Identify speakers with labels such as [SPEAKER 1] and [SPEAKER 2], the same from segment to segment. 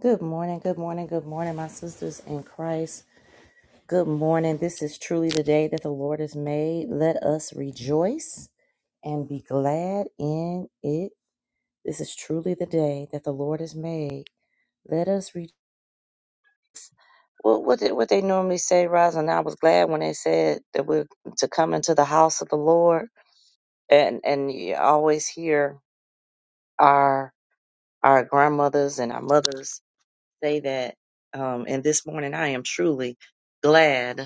[SPEAKER 1] Good morning, good morning, good morning, my sisters in Christ. Good morning. This is truly the day that the Lord has made. Let us rejoice and be glad in it. This is truly the day that the Lord has made. Let us read. What what they, what they normally say, Rosalind. I was glad when they said that we're to come into the house of the Lord, and and you always hear our our grandmothers and our mothers say that. Um, and this morning, I am truly glad.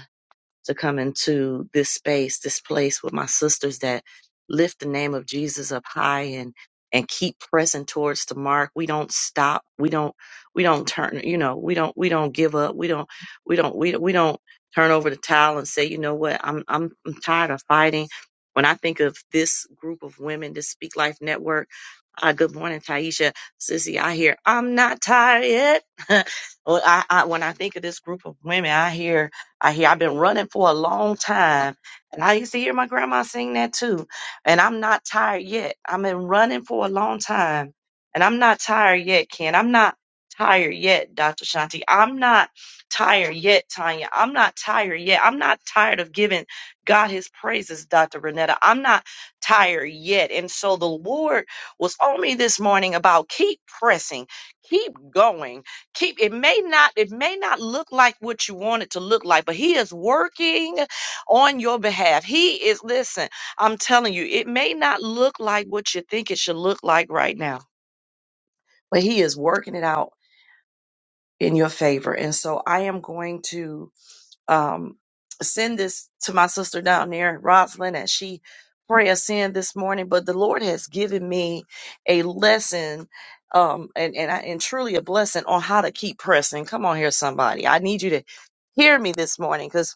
[SPEAKER 1] to come into this space, this place with my sisters that lift the name of Jesus up high and and keep pressing towards the mark. We don't stop. We don't we don't turn, you know, we don't we don't give up. We don't we don't we, we don't turn over the towel and say, you know what, I'm I'm I'm tired of fighting. When I think of this group of women, this Speak Life Network, uh, good morning, Taisha, Sissy. I hear I'm not tired yet. well, I, I, when I think of this group of women, I hear I hear I've been running for a long time. And I used to hear my grandma sing that too. And I'm not tired yet. I've been running for a long time. And I'm not tired yet, Ken. I'm not tired yet, Dr. Shanti. I'm not tired yet, Tanya. I'm not tired yet. I'm not tired of giving God his praises, Dr. Renetta. I'm not tired yet. And so the Lord was on me this morning about keep pressing, keep going keep it may not it may not look like what you want it to look like but he is working on your behalf he is listen i'm telling you it may not look like what you think it should look like right now but he is working it out in your favor and so i am going to um, send this to my sister down there, Rosalind, as she pray a sin this morning. But the Lord has given me a lesson, um, and and I, and truly a blessing on how to keep pressing. Come on here, somebody. I need you to hear me this morning, because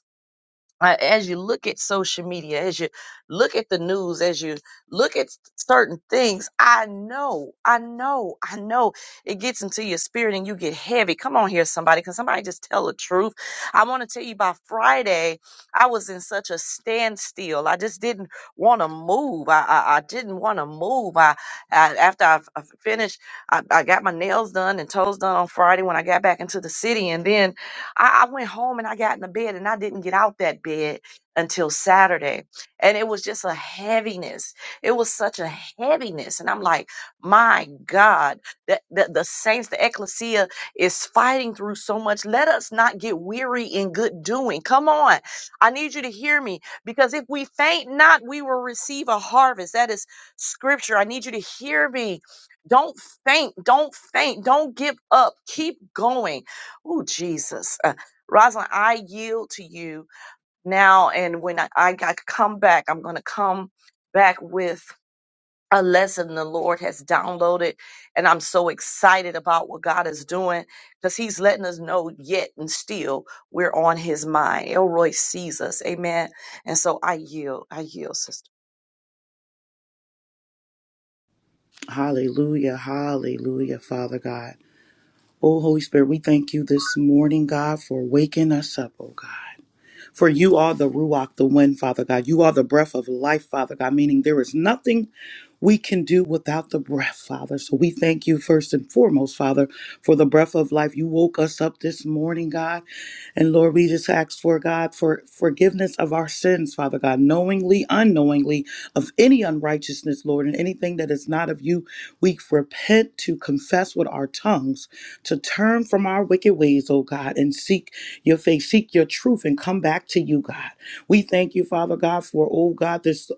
[SPEAKER 1] uh, as you look at social media, as you look at the news, as you look at s- certain things, I know, I know, I know it gets into your spirit and you get heavy. Come on here, somebody. Can somebody just tell the truth? I want to tell you by Friday, I was in such a standstill. I just didn't want to move. I, I, I didn't want to move. I, I After I, f- I finished, I, I got my nails done and toes done on Friday when I got back into the city. And then I, I went home and I got in the bed and I didn't get out that bed until Saturday. And it was just a heaviness. It was such a heaviness. And I'm like, my God, that the, the saints, the ecclesia is fighting through so much. Let us not get weary in good doing. Come on. I need you to hear me because if we faint not, we will receive a harvest. That is scripture. I need you to hear me. Don't faint. Don't faint. Don't give up. Keep going Oh, Jesus. Uh, Rosalind, I yield to you now. And when I, I got come back, I'm going to come back with a lesson the Lord has downloaded. And I'm so excited about what God is doing because He's letting us know yet and still we're on His mind. Elroy sees us. Amen. And so I yield. I yield, sister.
[SPEAKER 2] Hallelujah. Hallelujah, Father God. Oh, Holy Spirit, we thank you this morning, God, for waking us up, oh God. For you are the Ruach, the wind, Father God. You are the breath of life, Father God, meaning there is nothing we can do without the breath, Father. So we thank you first and foremost, Father, for the breath of life. You woke us up this morning, God. And Lord, we just ask for God for forgiveness of our sins, Father God, knowingly, unknowingly, of any unrighteousness, Lord, and anything that is not of you. We repent to confess with our tongues, to turn from our wicked ways, O God, and seek your face, seek your truth, and come back to you, God. We thank you, Father God, for, oh God, this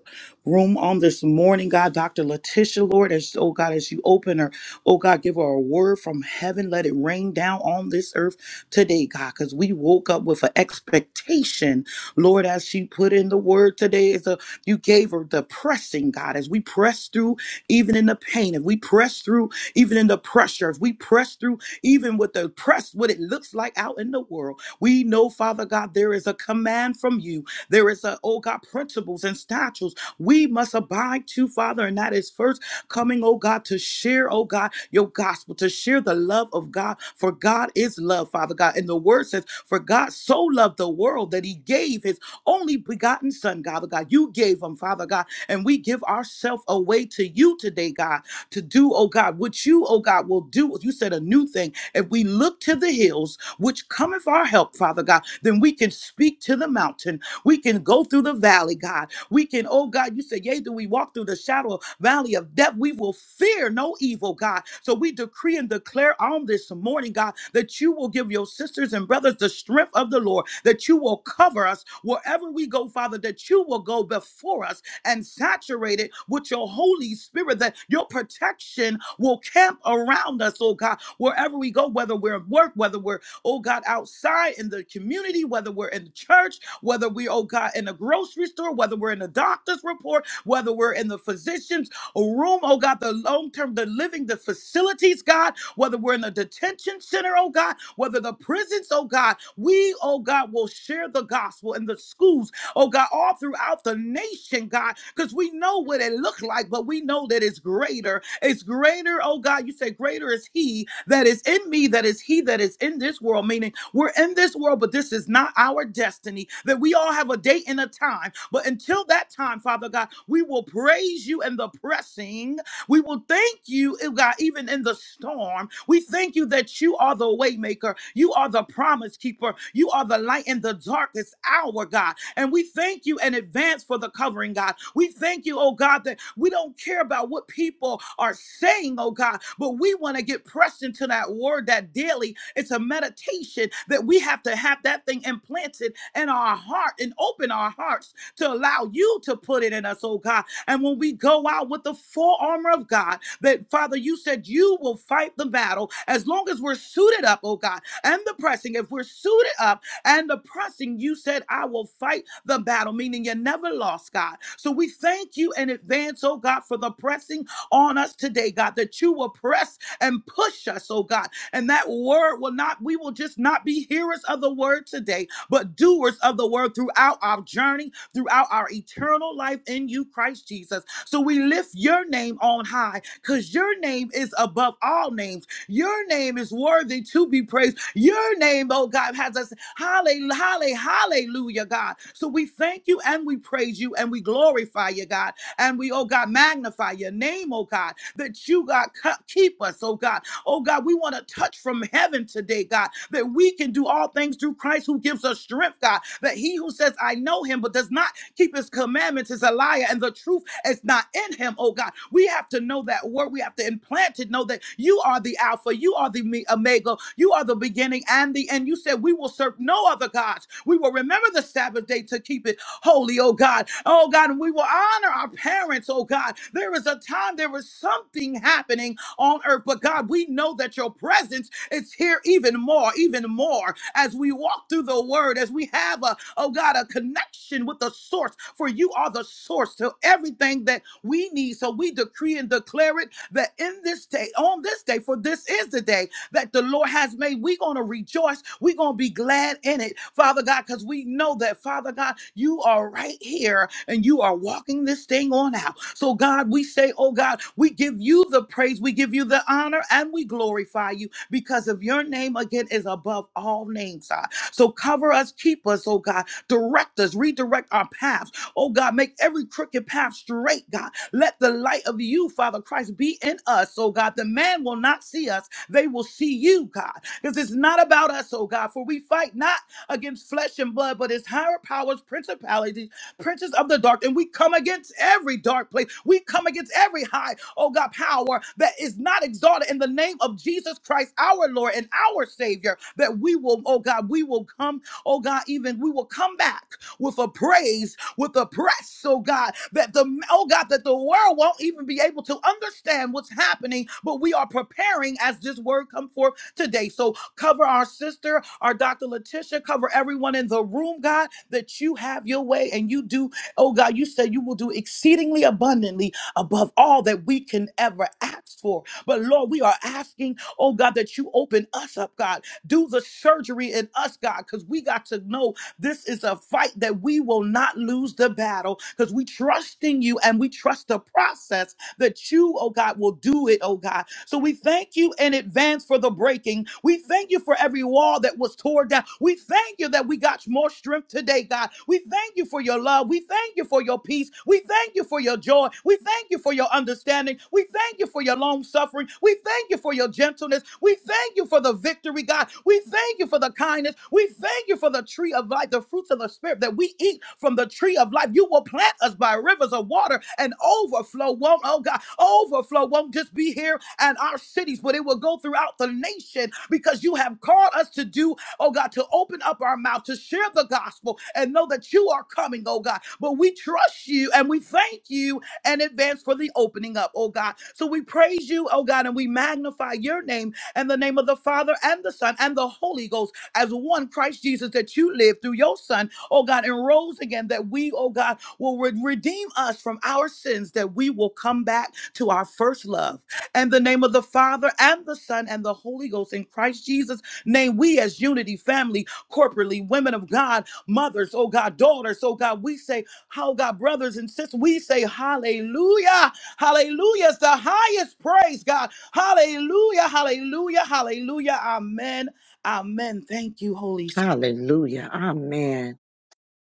[SPEAKER 2] room on this morning, God. Dr. Letitia, Lord, as, oh God, as you open her, oh God, give her a word from heaven. Let it rain down on this earth today, God, because we woke up with an expectation, Lord, as she put in the word today. Is a you gave her the pressing, God, as we press through even in the pain, if we press through even in the pressure, if we press through even with the press, what it looks like out in the world. We know, Father God, there is a command from you. There is a, oh God, principles and statutes we must abide to, Father, and that is first coming, oh God, to share, oh God, your gospel, to share the love of God, for God is love, Father God. And the word says, For God so loved the world that he gave his only begotten Son, Father God. You gave him, Father God, and we give ourselves away to you today, God, to do, oh God, what you, oh God, will do. You said a new thing. If we look to the hills, which cometh our help, Father God, then we can speak to the mountain. We can go through the valley, God. We can, oh God, you said, Yea, do we walk through the shadow of valley of death? We will fear no evil, God. So we decree and declare on this morning, God, that you will give your sisters and brothers the strength of the Lord, that you will cover us wherever we go, Father, that you will go before us and saturate it with your Holy Spirit, that your protection will camp around us, oh God, wherever we go, whether we're at work, whether we're oh God, outside in the community, whether we're in the church, whether we, oh God, in a grocery store, whether we're in a doctor's report, whether we're in the physician's room, oh God, the long term, the living, the facilities, God, whether we're in the detention center, oh God, whether the prisons, oh God, we, oh God, will share the gospel in the schools, oh God, all throughout the nation, God, because we know what it looked like, but we know that it's greater. It's greater, oh God. You say, Greater is He that is in me, that is He that is in this world, meaning we're in this world, but this is not our destiny. That we all have a date and a time. But until that time, Father God, we will praise you in the pressing we will thank you, oh God, even in the storm. We thank you that you are the waymaker. You are the promise keeper. You are the light in the darkest hour, God. And we thank you in advance for the covering, God. We thank you, oh God, that we don't care about what people are saying, oh God, but we want to get pressed into that word that daily. It's a meditation that we have to have that thing implanted in our heart and open our hearts to allow you to put it in us, oh God. And when we go out with the full armor of God, that Father, you said you will fight the battle as long as we're suited up, oh God, and the pressing. If we're suited up and the pressing, you said, I will fight the battle, meaning you never lost, God. So we thank you in advance, oh God, for the pressing on us today, God, that you will press and push us, oh God. And that word will not, we will just not be hearers of the word today, but doers of the word throughout our journey, throughout our eternal life in you, Christ Jesus. So we lift your name on high because your name is above all names. Your name is worthy to be praised. Your name, oh God, has us. Hallelujah, hallelujah, hallelujah, God. So we thank you and we praise you and we glorify you, God. And we, oh God, magnify your name, oh God, that you, God, cu- keep us, oh God. Oh God, we want to touch from heaven today, God, that we can do all things through Christ who gives us strength, God. That he who says, I know him, but does not keep his commandments is a liar and the truth is not in him, oh God. We have to know that word. We have to implant it, know that you are the Alpha, you are the me- Omega, you are the beginning and the end. You said, We will serve no other gods. We will remember the Sabbath day to keep it holy, oh God. Oh God, and we will honor our parents, oh God. There is a time, there is something happening on earth, but God, we know that your presence it's here even more, even more as we walk through the word, as we have a, oh God, a connection with the source, for you are the source to everything that we need. So we decree and declare it that in this day, on this day, for this is the day that the Lord has made. We're going to rejoice. We're going to be glad in it, Father God, because we know that, Father God, you are right here and you are walking this thing on out. So, God, we say, oh God, we give you the praise, we give you the honor, and we glorify you because of your name again is above all names, God. So cover us, keep us, oh God. Direct us, redirect our paths. Oh God, make every crooked path straight, God. Let the light of you, Father Christ, be in us, oh God. The man will not see us, they will see you, God. Because it's not about us, oh God, for we fight not against flesh and blood, but it's higher powers, principalities princes of the dark, and we come against every dark place. We come against every high, oh God, power that is not exalted in the name of Jesus Christ, our Lord and our Savior, that we will, oh God, we will come, oh God, even we will come back with a praise, with a press, oh God, that the oh God, that the world won't even be able to understand what's happening, but we are preparing as this word come forth today. So Cover our sister, our Dr. Letitia. Cover everyone in the room, God, that you have your way and you do. Oh, God, you said you will do exceedingly abundantly above all that we can ever ask for. But Lord, we are asking, oh, God, that you open us up, God. Do the surgery in us, God, because we got to know this is a fight that we will not lose the battle because we trust in you and we trust the process that you, oh God, will do it, oh God. So we thank you in advance for the breaking. We thank you for every wall that was torn down. We thank you that we got more strength today, God. We thank you for your love. We thank you for your peace. We thank you for your joy. We thank you for your understanding. We thank you for your long suffering. We thank you for your gentleness. We thank you for the victory, God. We thank you for the kindness. We thank you for the tree of life, the fruits of the Spirit that we eat from the tree of life. You will plant us by rivers of water and overflow won't, oh God, overflow won't just be here and our cities, but it will go throughout the nation because you have called us to do oh God, to open up our mouth, to share the gospel and know that you are coming, oh God. But we trust you and we thank you and advance for the opening up, oh God. So we praise you, oh God, and we magnify your name and the name of the Father and the Son and the Holy Ghost as one Christ Jesus that you live through your Son, oh God, and rose again that we, oh God, will re- redeem us from our sins, that we will come back to our first love. And the name of the Father and the Son and the Holy Ghost in Christ Jesus' name, we as unity family, corporately, women of God, mothers, oh God, daughters, oh God, we say, how God, brothers and sisters, we say hallelujah. Hallelujah is the highest praise, God. Hallelujah, hallelujah, hallelujah. Amen. Amen. Thank you, Holy Spirit.
[SPEAKER 1] Hallelujah. Amen.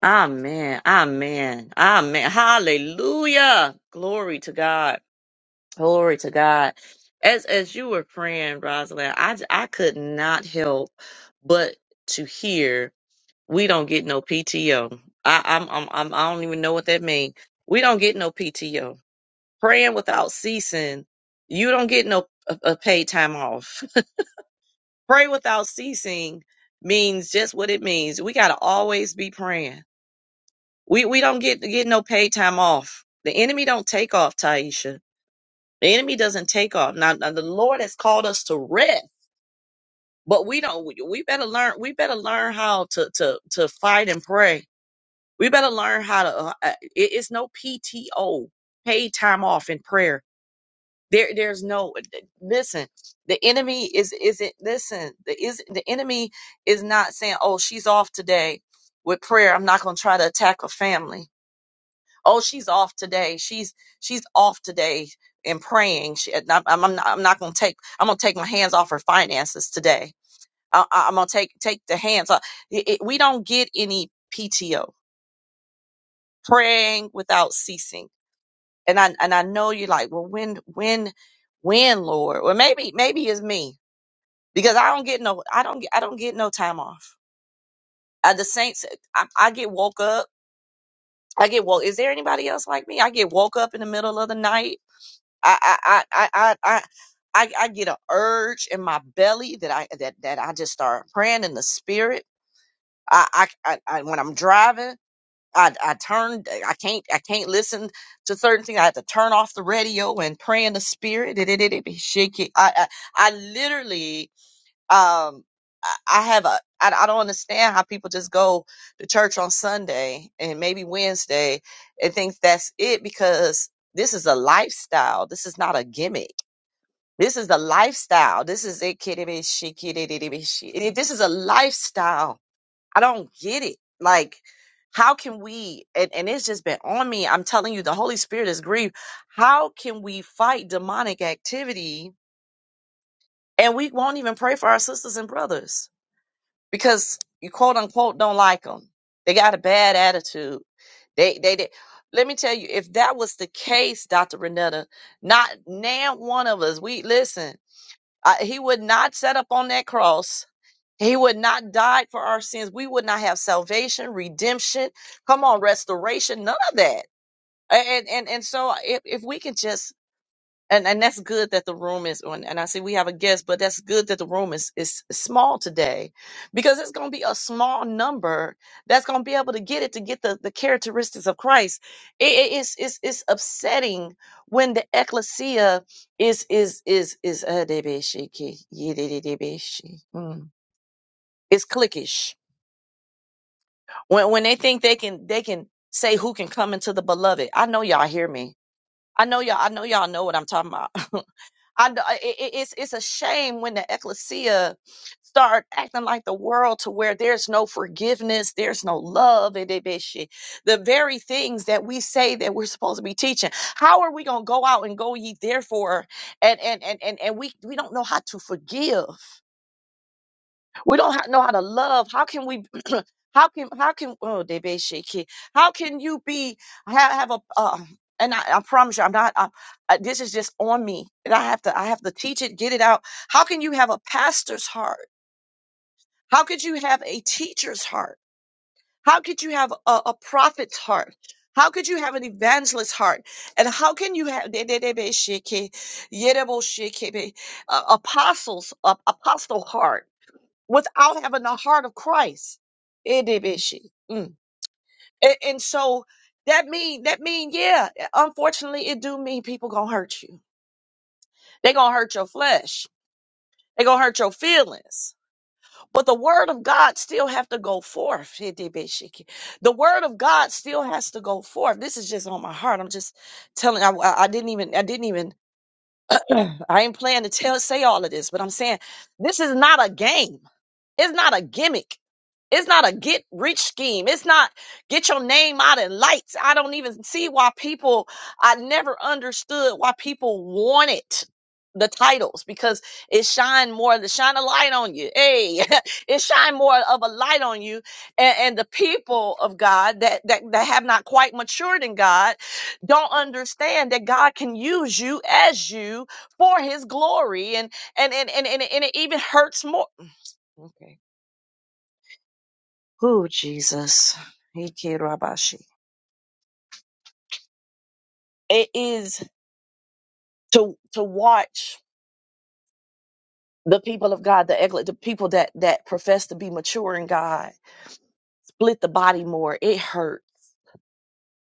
[SPEAKER 1] Amen. Amen. Amen. Hallelujah. Glory to God. Glory to God. As as you were praying, Rosalind, I j- I could not help but to hear we don't get no PTO. I I'm, I'm, I'm I don't even know what that means. We don't get no PTO. Praying without ceasing, you don't get no a, a paid time off. Pray without ceasing means just what it means. We gotta always be praying. We we don't get get no paid time off. The enemy don't take off, Taisha The enemy doesn't take off. Now, now the Lord has called us to rest, but we don't. We we better learn. We better learn how to to to fight and pray. We better learn how to. Uh, uh, it- it's no PTO, paid time off in prayer. There, there's no. Listen, the enemy is isn't. Listen, the is the enemy is not saying, "Oh, she's off today with prayer. I'm not going to try to attack her family." oh she's off today she's she's off today and praying she, I'm, I'm, I'm not, I'm not gonna take i'm gonna take my hands off her finances today I, I- i'm gonna take take the hands off It- it- we don't get any pto praying without ceasing and i and i know you're like well when when when lord well maybe maybe it's me because i don't get no i don't get i don't get no time off uh, the saints I, I get woke up I get woke. Is there anybody else like me? I get woke up in the middle of the night I I I I I I I get an urge in my belly that I that that I just start praying in the spirit. I I, I, I when I'm driving, I I turn I can't I can't listen to certain things. I have to turn off the radio and pray in the spirit. It it it, it be shaky. I, I I literally um I I have a I, I don't understand how people just go to church on Sunday and maybe Wednesday and think that's it because this is a lifestyle. This is not a gimmick this is a lifestyle. This is it, kitty bitty, shit, kitty bitty, bitty. shit. And if This is a lifestyle. I don't get it. Like, how can we, and, and it's just been on me. I'm telling you, the Holy Spirit is grieved. How can we fight demonic activity and we won't even pray for our sisters and brothers because you quote unquote don't like them? They got a bad attitude. They, they, they. Let me tell you, if that was the case, Dr. Renetta, not now one of us, we listen. Uh, he would not set up on that cross. He would not die for our sins. We would not have salvation, redemption. Come on, restoration, none of that. And and and so if, if we can just and and that's good that the room is on and i see we have a guest but that's good that the room is is small today because it's going to be a small number that's going to be able to get it to get the the characteristics of christ it, it- it's it's it's upsetting when the ecclesia is is is is uh, they be yeah, they- mm. it's cliquish when when they think they can they can say who can come into the beloved i know y'all hear me i know y'all i know y'all know what i'm talking about I, d- I- it- it- it's it's a shame when the ecclesia start acting like the world to where there's no forgiveness, there's no love, and they be shit. the very things that we say that we're supposed to be teaching. How are we gonna go out and go ye therefore and and and and, and we we don't know how to forgive. We don't ha- know how to love. How can we? how can how can oh they be shaky? How can you be have have a uh, and I, I promise you, I'm not. I, I, this is just on me, and I have to. I have to teach it, get it out. How can you have a pastor's heart? How could you have a teacher's heart? How could you have a, a prophet's heart? How could you have an evangelist's heart? And how can you have they- they- they be shaky, yedebo shaky, be, uh, apostles, uh, apostle heart? without having the heart of Christ. It did, it she. Mm. And, and so that mean that mean yeah. Unfortunately, it do mean people gonna hurt you. They gonna hurt your flesh. They gonna hurt your feelings. But the word of God still have to go forth. It did, it she. The word of God still has to go forth. This is just on my heart. I'm just telling. I, I I didn't even. I didn't even. I ain't planning to tell say all of this, but I'm saying this is not a game. It's not a gimmick It's not a get rich scheme. It's not get your name out in lights. I don't even see why people, I never understood why people wanted the titles because it shine more, to shine a light on you. Hey, it shine more of a light on you. And, and the people of God that, that, that have not quite matured in God don't understand that God can use you as you for his glory. And, and, and, and, and, and it even hurts more. Mm, Okay. Oh, Jesus. Ike Rabashi. it is to to watch the people of God, the eglet, the people that that profess to be mature in God, split the body more. It hurt.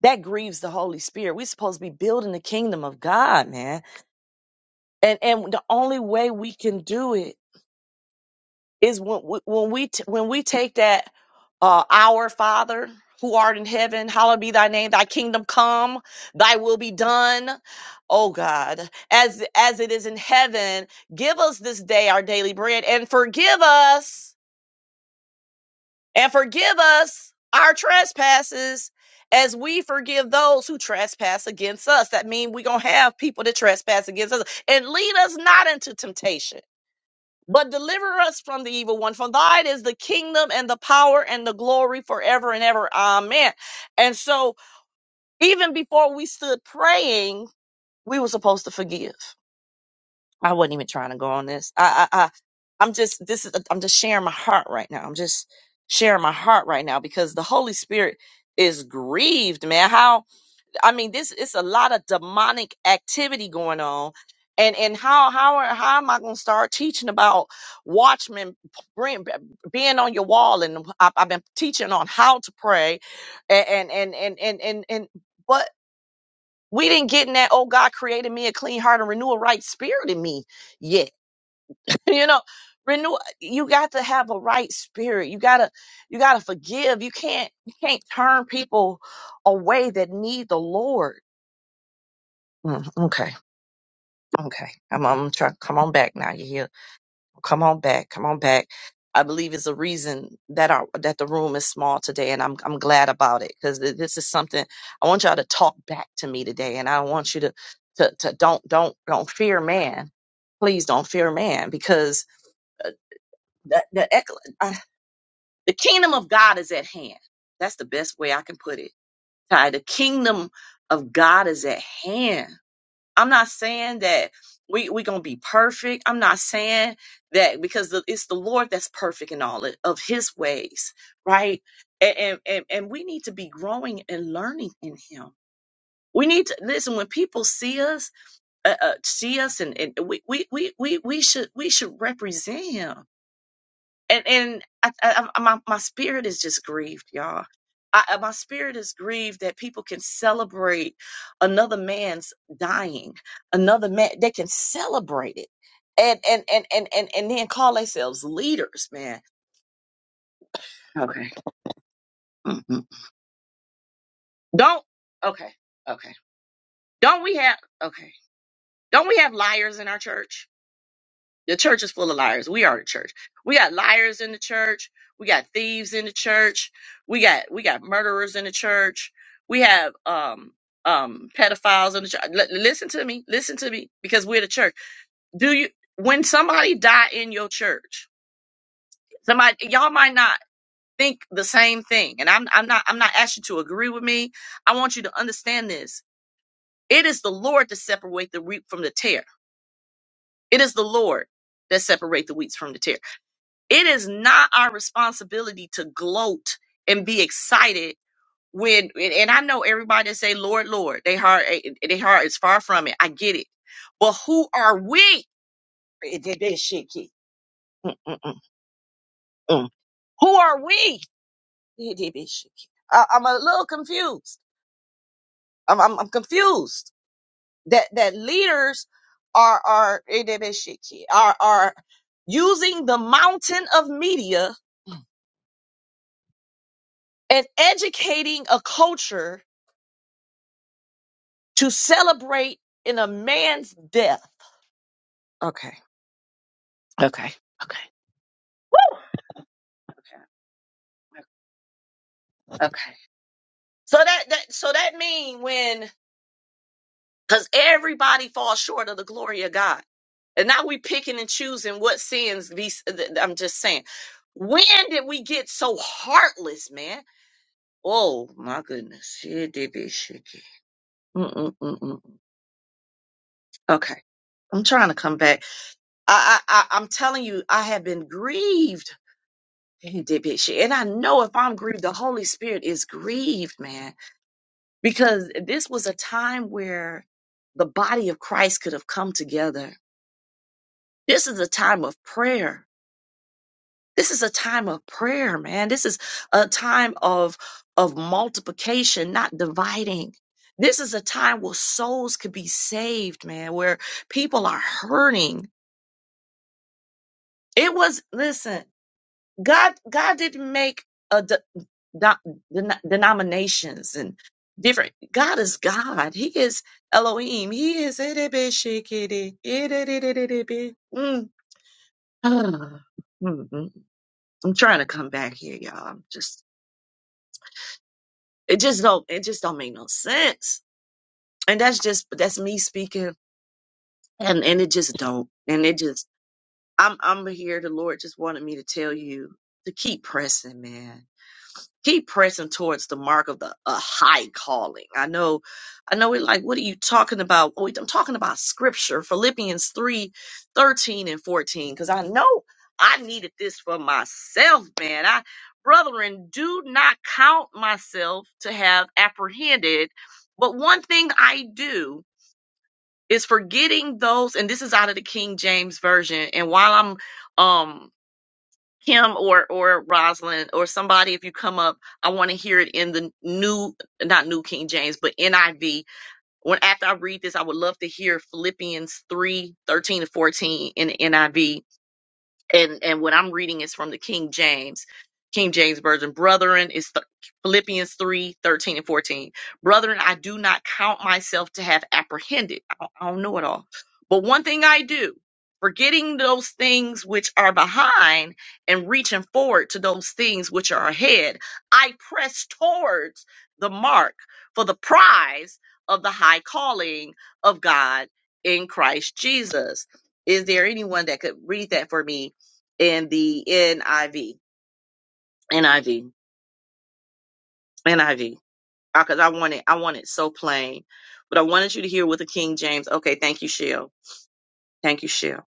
[SPEAKER 1] That grieves the Holy Spirit. We're supposed to be building the kingdom of God, man. And and the only way we can do it is when we, when we t- when we take that uh, our father who art in heaven hallowed be thy name thy kingdom come thy will be done oh god as as it is in heaven give us this day our daily bread and forgive us and forgive us our trespasses as we forgive those who trespass against us that means we're gonna have people that trespass against us and lead us not into temptation but deliver us from the evil one. For thine is the kingdom and the power and the glory forever and ever. Amen. And so even before we stood praying, we were supposed to forgive. I wasn't even trying to go on this. I, I, I I'm just, this is, I'm just sharing my heart right now. I'm just sharing my heart right now because the Holy Spirit is grieved, man. How I mean, this is a lot of demonic activity going on. And and how how are- how am I going to start teaching about watchmen bring, being on your wall? And I've, I've been teaching on how to pray, and and and and and and but we didn't get in that. Oh, God created me a clean heart and renew a right spirit in me yet. you know, renew. You got to have a right spirit. You gotta you gotta forgive. You can't you can't turn people away that need the Lord Mm, okay, okay. I'm, I'm trying. Come on back now. You hear? Come on back. Come on back. I believe it's a reason that our that the room is small today, and I'm I'm glad about it because this is something I want y'all to talk back to me today, and I want you to to to don't don't don't fear man. Please don't fear man because uh, the the, ec- uh, the kingdom of God is at hand. That's the best way I can put it. Ty, the kingdom of God is at hand I'm not saying that we we gonna be perfect. I'm not saying that because the, it's the Lord that's perfect in all of of His ways, right? And, and and and we need to be growing and learning in Him. We need to listen when people see us, uh, uh, see us, and, and we, we we we we should we should represent Him and and I, I, I, my my spirit is just grieved, y'all. I, I- my spirit is grieved that people can celebrate another man's dying, another man. They can celebrate it, and and and and and, and then call themselves leaders, man. Okay, Mhm. don't. Okay, okay. Don't we have okay? Don't we have liars in our church? The church is full of liars. We are the church. We got liars in the church. We got thieves in the church. We got we got murderers in the church. We have um um pedophiles in the church. L- listen to me. Listen to me because we're the church. Do you when somebody die in your church? Somebody y'all might not think the same thing. And I'm I'm not I'm not asking you to agree with me. I want you to understand this. It is the Lord to separate the wheat from the tare. It is the Lord that separate the wheat from the tares. It is not our responsibility to gloat and be excited when and and I know everybody that say Lord Lord they heart eh, eh, they heart is far from it. I get it. But who are we? Eh, that- that shit kid. Mm, mm, mm, mm. Who are we? Eh, that- that shit kid. I, I'm a little confused. I'm I'm, I'm confused that that leaders are are eh, that- that shit kid, are are using the mountain of media and educating a culture to celebrate in a man's death. Okay. Okay. Okay. Okay. Okay. So that, that so that mean when because everybody falls short of the glory of God. And now we picking and choosing what sins be I'm just saying. When did we get so heartless, man? Oh my goodness. Shit did be shaky. Mm-mm-mm-mm. Okay. I'm trying to come back. I, I I I'm telling you, I have been grieved He did big shit. And I know if I'm grieved, the Holy Spirit is grieved, man, because this was a time where the body of Christ could have come together. This is a time of prayer. This is a time of prayer, man. This is a time of of multiplication, not dividing. This is a time where souls could be saved, man, where people are hurting. It was listen. God God didn't make a de- de- den- denominations and different. God is God. He is Elohim. He is Mm. Mm, mm. I'm trying to come back here, y'all. I'm just it just don't it just don't make no sense. And that's just that's me speaking and and it just don't. And it just I'm I'm here the Lord just wanted me to tell you to keep pressing, man keep pressing towards the mark of the a high calling. I know, I know. We're like, what are you talking about? Wait, I'm talking about scripture, Philippians 3, 13 and fourteen, because I know I needed this for myself, man. I, brethren, do not count myself to have apprehended, but one thing I do is forgetting those, and this is out of the King James version. And while I'm, um, Kim or or Rosalind or somebody, if you come up, I want to hear it in the new, not New King James, but NIV. When after I read this, I would love to hear Philippians three thirteen 13 to 14 in the NIV and and what I'm reading is from the King James. King James Version, brethren, is th- Philippians 3 13 and 14. Brethren, I do not count myself to have apprehended. I don't, I don't know it all. But one thing I do, forgetting those things which are behind and reaching forward to those things which are ahead, I press towards the mark for the prize of the high calling of God in Christ Jesus. Is there anyone that could read that for me? in the NIV, NIV, NIV, because I want it, I want it so plain. But I wanted you to hear with the King James. Okay, thank you, Shell. Thank you, Shell.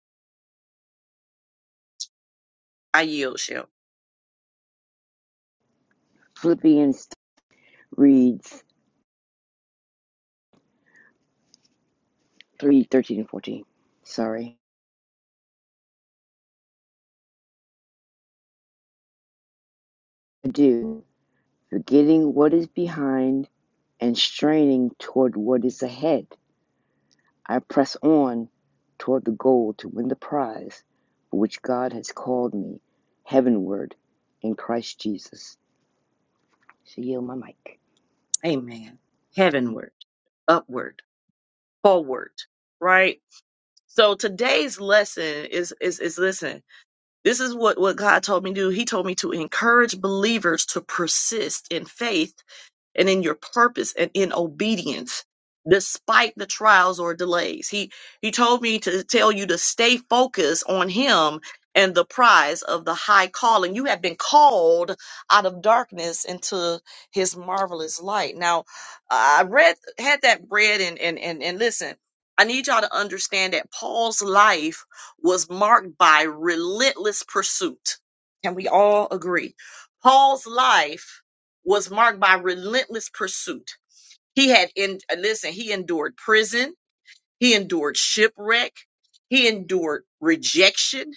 [SPEAKER 1] I yield, Shell.
[SPEAKER 3] Philippians reads three thirteen and 14. Sorry. I do, forgetting what is behind and straining toward what is ahead. I press on toward the goal to win the prize for which God has called me heavenward in Christ Jesus. So yield my mic.
[SPEAKER 1] Amen. Heavenward, upward, forward. Right. So today's lesson is is is listen. This is what what God told me to do. He told me to encourage believers to persist in faith and in your purpose and in obedience despite the trials or delays. He he told me to tell you to stay focused on him and the prize of the high calling. You have been called out of darkness into his marvelous light. Now I read had that read and and and, and listen I need y'all to understand that Paul's life was marked by relentless pursuit. Can we all agree? Paul's life was marked by relentless pursuit. He had in listen, he endured prison, he endured shipwreck, he endured rejection,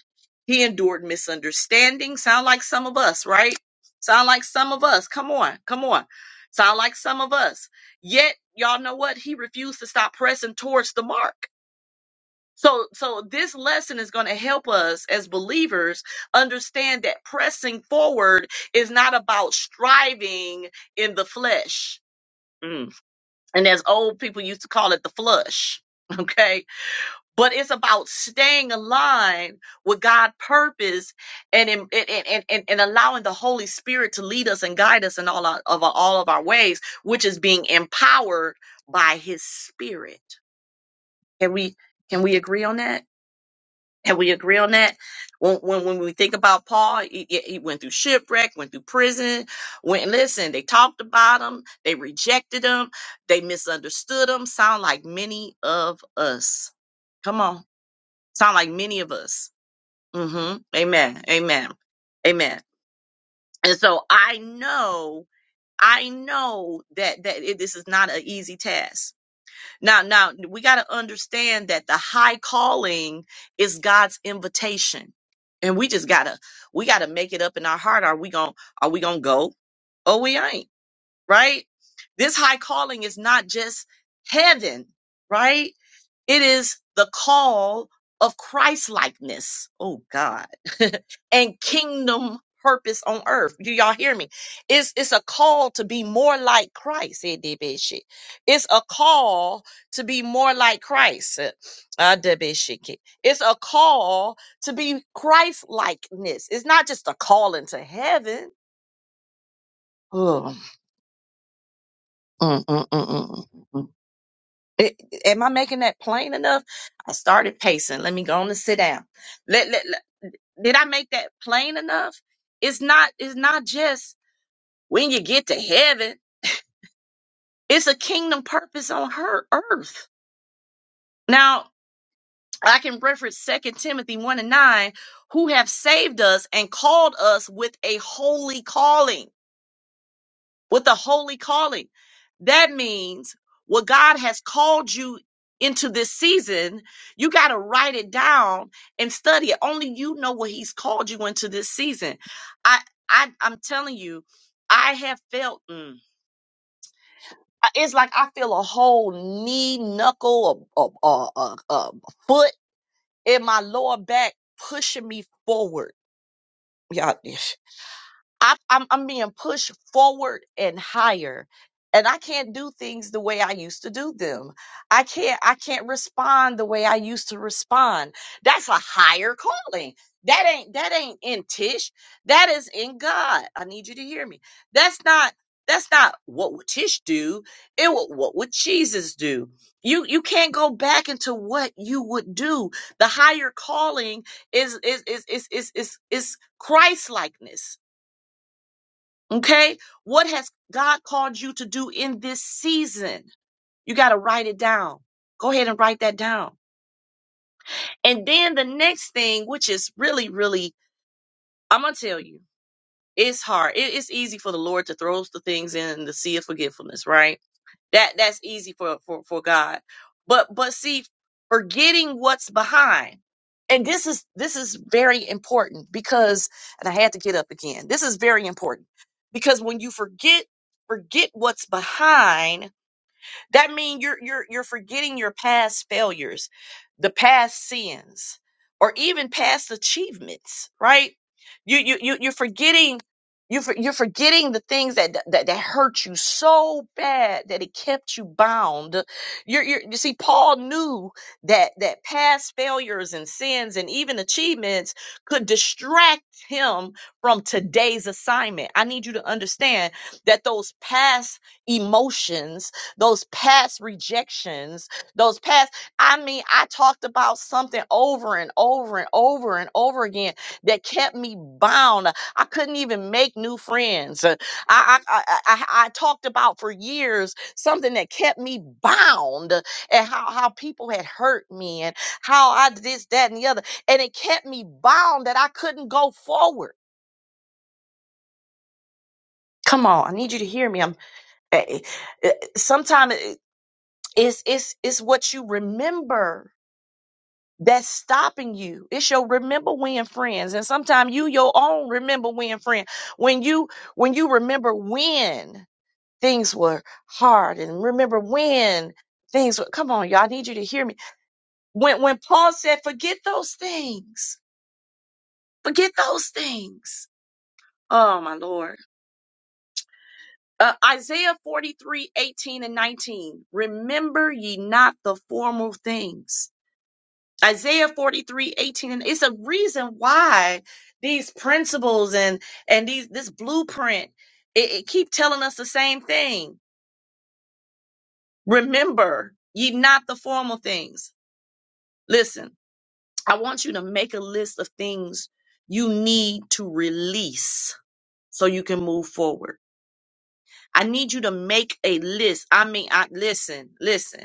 [SPEAKER 1] he endured misunderstanding. Sound like some of us, right? Sound like some of us. Come on, come on. Sound like some of us. Yet, y'all know what? He refused to stop pressing towards the mark. So, so this lesson is going to help us as believers understand that pressing forward is not about striving in the flesh. Mm. And as old people used to call it, the flush. Okay. But it's about staying aligned with God's purpose and, in, and, and, and and allowing the Holy Spirit to lead us and guide us in all our, of our, all of our ways, which is being empowered by his spirit. Can we, can we agree on that? Can we agree on that? When when, when we think about Paul, he, he he went through shipwreck, went through prison. Went listen, they talked about him, they rejected him, they misunderstood him. Sound like many of us. Come on, sound like many of us. Mm-hmm. Amen. Amen. Amen. And so I know, I know that that it, this is not an easy task. Now, now we got to understand that the high calling is God's invitation. And we just gotta, we gotta make it up in our heart. Are we gonna, are we gonna go? Oh, we ain't, right? This high calling is not just heaven, right? It is the call of Christ likeness. Oh God. and kingdom purpose on earth. Do y'all hear me? It's it's a call to be more like Christ. Eh, de It's a call to be more like Christ. Eh, ah, de It's a call to be Christ likeness. It's not just a calling to heaven. Oh, mm, mm, mm, mm, mm, mm, mm. It, am I making that plain enough? I started pacing. Let me go on and sit down. Let, let, let- did I make that plain enough? It's not. It's not just when you get to heaven. It's a kingdom purpose on her earth. Now I can reference Second Timothy one and nine, who have saved us and called us with a holy calling. with a holy calling. That means what God has called you into this season, you got to write it down and study it. Only you know what he's called you into this season. I, I I'm telling you, I have felt mm, I- it's like I feel a whole knee, knuckle, a, a, a, a, a foot in my lower back pushing me forward. Y'all, I'm, I'm I'm being pushed forward and higher, and I can't do things the way I used to do them. I can't I can't respond the way I used to respond. That's a higher calling. That ain't that ain't in Tish. That is in God. I need you to hear me. That's not that's not what would Tish do. It wa- what would Jesus do? You you can't go back into what you would do. The higher calling is is is is is is, is Christ likeness Okay. What has God called you to do in this season? You got to write it down. Go ahead and write that down. And then the next thing, which is really, really, I'm going to tell you, it's hard. It- it's easy for the Lord to throw the things in the sea of forgetfulness, right? That that's easy for for for God. But but see, forgetting what's behind. And this is this is very important because and I had to get up again. This is very important because when you forget forget what's behind that means you're you're you're forgetting your past failures, the past sins, or even past achievements, right? You you you you're forgetting you for, you're forgetting the things that, that that hurt you so bad that it kept you bound. You're, you're, you see, Paul knew that that past failures and sins and even achievements could distract him from today's assignment. I need you to understand that those past emotions those past rejections, those past. I mean, I talked about something over and over and over and over again that kept me bound. I couldn't even make new friends. Uh, I, I, I, I, I talked about for years something that kept me bound uh, and how, how people had hurt me and how I did this, that, and the other. And it kept me bound that I couldn't go forward. Come on, I need you to hear me. I'm eh, eh, eh, sometimes eh, It's it's it's what you remember that's stopping you. It's your remember when friends. And sometimes you your own remember when friend. When you when you remember when things were hard and remember when things were come on, y'all I need you to hear me. When when Paul said, forget those things. Forget those things. Oh my Lord. Uh, Isaiah 43 18 and 19. Remember ye not the former things Isaiah 43 18 and it's a reason why these principles and and these this blueprint it, it keep telling us the same thing. Remember, ye not the formal things. Listen, I want you to make a list of things you need to release so you can move forward. I need you to make a list. I mean, I listen, listen.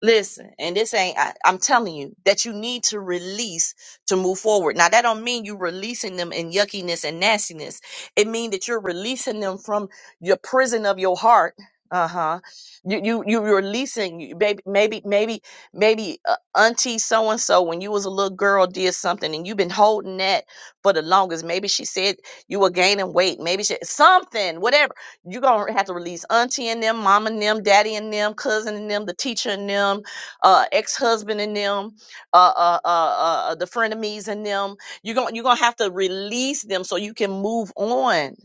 [SPEAKER 1] Listen, and this ain't, I, I'm telling you that you need to release to move forward. Now, that don't mean you releasing them in yuckiness and nastiness. It means that you're releasing them from your prison of your heart. Uh huh. You you you you're releasing you- baby maybe maybe maybe uh, auntie so and so when you was a little girl did something and you've been holding that for the longest. Maybe she said you were gaining weight. Maybe she, something whatever you gonna have to release auntie and them, mom and them, daddy and them, cousin and them, the teacher and them, uh, ex-husband and them, uh, uh, uh, uh, uh, the frenemies and them. You're gonna you're gonna have to release them so you can move on.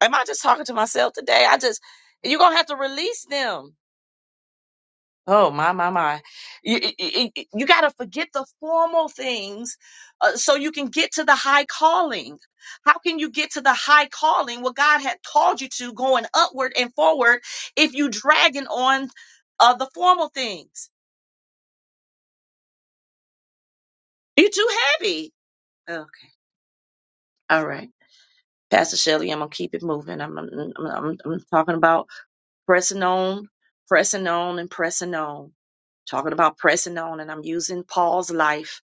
[SPEAKER 1] Am I just talking to myself today? I just you're gonna have to release them Oh my my my! You, you, got to forget the formal things, uh, so you can get to the high calling. How can you get to the high calling? What God had called you to, going upward and forward, if you dragging on uh, the formal things. You're too heavy. Okay. All right, Pastor Shelley, I'm gonna keep it moving. I'm I'm, I'm I'm I'm talking about pressing on, pressing on, and pressing on. Talking about pressing on, and I'm using Paul's life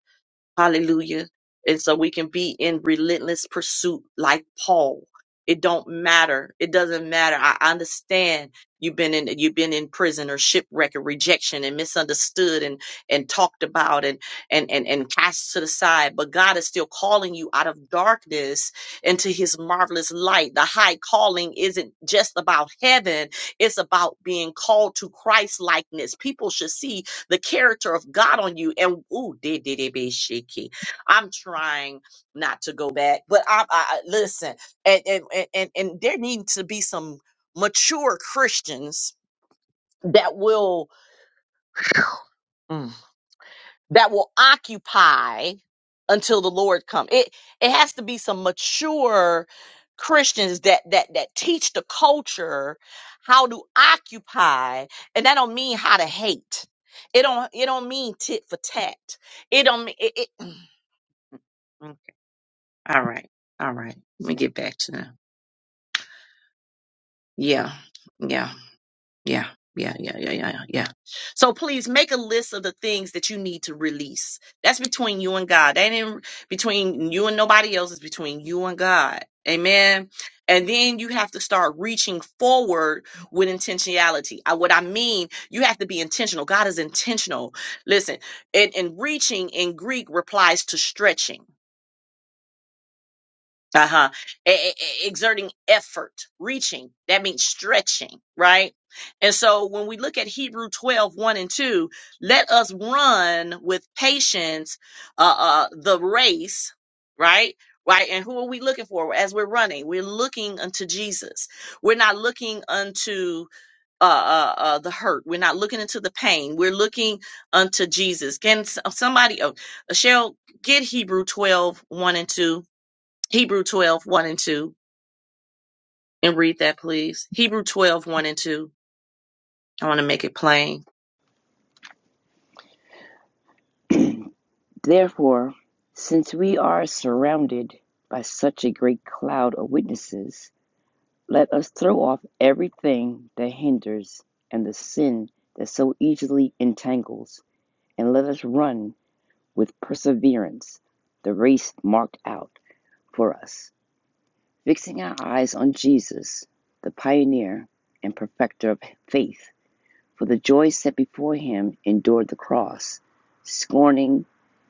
[SPEAKER 1] Hallelujah. And so we can be in relentless pursuit like Paul. It don't matter. It doesn't matter. I understand you've been in you've been in prison or shipwreck or rejection and misunderstood and and talked about and and and, and cast to the side, but God is still calling you out of darkness into his marvelous light. The high calling isn't just about heaven, it's about being called to Christ likeness. People should see the character of God on you. And ooh, did did it be shaky? I'm trying not to go back, but I, I I- listen, and and and and and there need to be some mature Christians that will. that will occupy until the Lord come. It it has to be some mature Christians that that that teach the culture how to occupy, and that don't mean how to hate. It don't it don't mean tit for tat. It don't mean it, it okay. all right. All right. Let me get back to them. Yeah. Yeah. Yeah, yeah, yeah, yeah, yeah, yeah. yeah. So please make a list of the things that you need to release. That's between you and God. That ain't between you and nobody else. It's between you and God. Amen. And then you have to start reaching forward with intentionality. I, what I mean, you have to be intentional. God is intentional. Listen, and, and reaching in Greek replies to stretching. Uh-huh. E- e- e- exerting effort, reaching. That means stretching, right? And so when we look at Hebrew twelve one and 2, let us run with patience uh, uh the race, right? Right. And who are we looking for as we're running? We're looking unto Jesus. We're not looking unto uh, uh, uh, the hurt. We're not looking into the pain. We're looking unto Jesus. Can s- somebody, oh, Cheryl, get Hebrew twelve one and 2 Hebrew twelve one and 2, and read that, please. Hebrew twelve one and 2. I want to make it plain.
[SPEAKER 3] Therefore, since we are surrounded by such a great cloud of witnesses, Let us throw off everything that hinders and the sin that so easily entangles, and let us run with perseverance the race marked out for us, fixing our eyes on Jesus, the pioneer and perfecter of faith, for the joy set before him endured the cross, scorning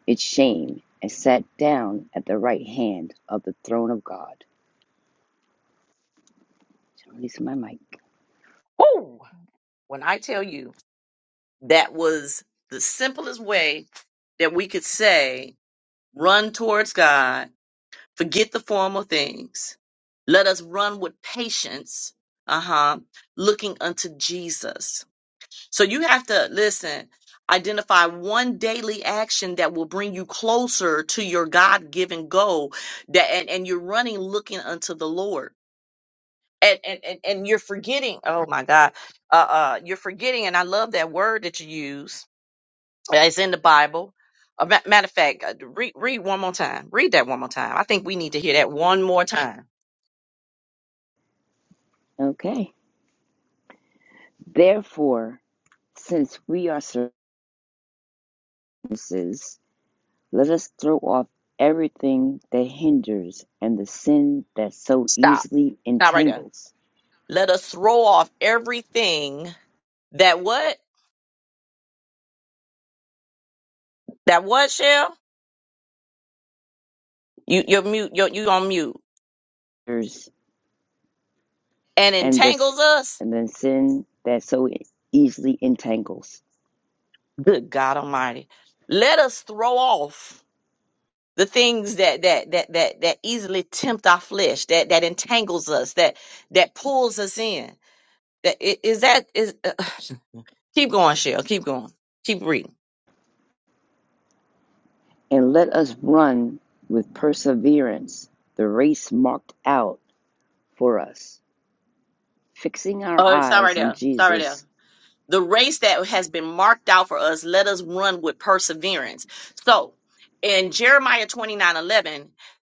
[SPEAKER 3] its shame, and sat down at the right hand of the throne of God. Release my mic.
[SPEAKER 1] Woo! When I tell you that was the simplest way that we could say, run towards God, forget the formal things. Let us run with patience, uh huh, looking unto Jesus So you have to listen, identify one daily action that will bring you closer to your God-given goal that and, and you're running looking unto the Lord. And, and and and you're forgetting, oh my God, uh uh, you're forgetting, and I love that word that you use. It's in the Bible. A ma- matter of fact, uh, read read one more time. Read that one more time. I think we need to hear that one more time.
[SPEAKER 3] Okay. Therefore, Since we are services, let us throw off everything that hinders and the sin that so
[SPEAKER 1] Stop.
[SPEAKER 3] easily
[SPEAKER 1] Not right there.
[SPEAKER 3] entangles,
[SPEAKER 1] Let us throw off everything that what that what shell You you're mute, you're you on mute. And
[SPEAKER 3] and the
[SPEAKER 1] entangles us,
[SPEAKER 3] and the sin that so easily entangles,
[SPEAKER 1] good God Almighty. Let us throw off the things that that that that that easily tempt our flesh, that that entangles us, that that pulls us in. That i- is that is uh, keep going, Shell. Keep going. Keep reading.
[SPEAKER 3] and let us run with perseverance the race marked out for us, fixing our
[SPEAKER 1] Oh, it's right
[SPEAKER 3] eyes
[SPEAKER 1] there.
[SPEAKER 3] on
[SPEAKER 1] It's right there.
[SPEAKER 3] Jesus,
[SPEAKER 1] the race that has been marked out for us, let us run with perseverance. So in Jeremiah 29 11,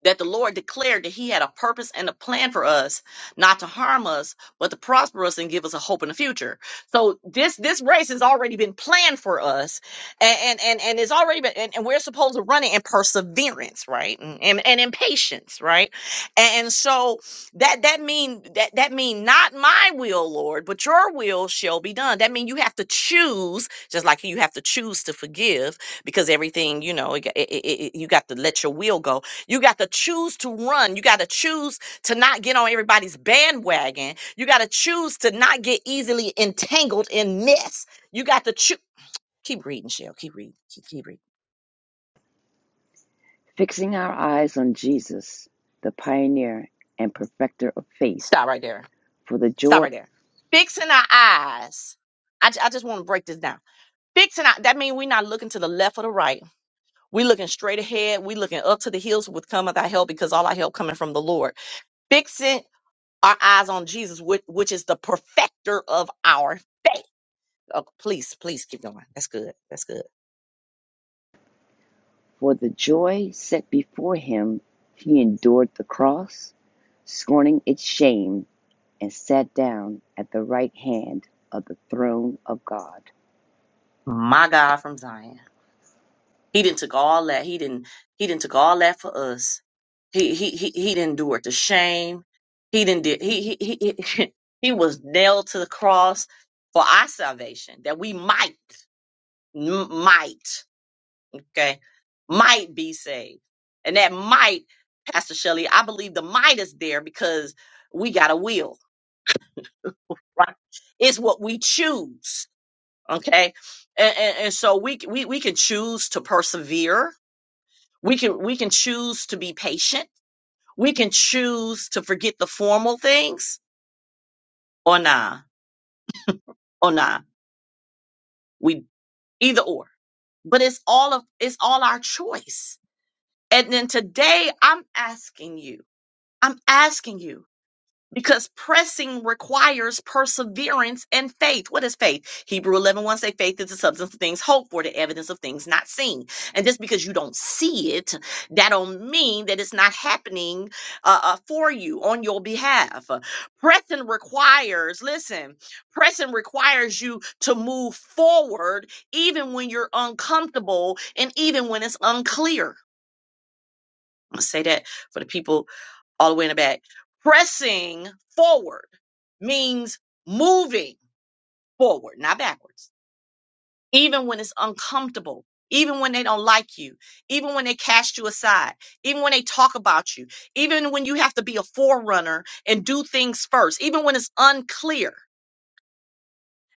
[SPEAKER 1] that the Lord declared that He had a purpose and a plan for us, not to harm us, but to prosper us and give us a hope in the future. So this this race has already been planned for us, and and and, and it's already been, and, and we're supposed to run it in perseverance, right, and and, and in patience, right, and, and so that that mean that that mean not my will lord but your will shall be done that mean you have to choose just like you have to choose to forgive because everything you know it, it, it, it- you got to let your will go you got to choose to run you got to choose to not get on everybody's bandwagon you got to choose to not get easily entangled in mess you got to choose keep reading shell keep reading keep, keep reading
[SPEAKER 3] fixing our eyes on Jesus, the pioneer and perfecter of faith,
[SPEAKER 1] stop right there
[SPEAKER 3] for the
[SPEAKER 1] stop
[SPEAKER 3] joy
[SPEAKER 1] right there fixing our eyes I, ju- I just want to break this down Fixing out that means we're not looking to the left or the right. We're looking straight ahead. We're looking up to the hills with cometh our help because all our help coming from the Lord. Fixing our eyes on Jesus, which, which is the perfecter of our faith. Oh, please, please keep going. That's good. That's good.
[SPEAKER 3] For the joy set before him, he endured the cross, scorning its shame, and sat down at the right hand of the throne of God.
[SPEAKER 1] My God from Zion. He didn't took all that. He didn't he didn't took all that for us. He he he he didn't do it the shame. He didn't did he he he he he was nailed to the cross for our salvation that we might. M- might, okay, might be saved. And that might, Pastor Shelley, I believe the might is there because we got a will, right? It's what we choose, okay? And, and, and so we, c- we we can choose to persevere. We can we can choose to be patient. We can choose to forget the formal things or nah, or nah. We either or, but it's all of it's all our choice. And then today I'm asking you I'm asking you because pressing requires perseverance and faith. What is faith? Hebrew eleven one say faith is the substance of things hoped for, the evidence of things not seen. And just because you don't see it, that don't mean that it's not happening uh, uh, for you on your behalf. Pressing requires, listen, pressing requires you to move forward even when you're uncomfortable and even when it's unclear. I'm gonna say that for the people all the way in the back. Pressing forward means moving forward, not backwards. Even when it's uncomfortable, even when they don't like you, even when they cast you aside, even when they talk about you, even when you have to be a forerunner and do things first, even when it's unclear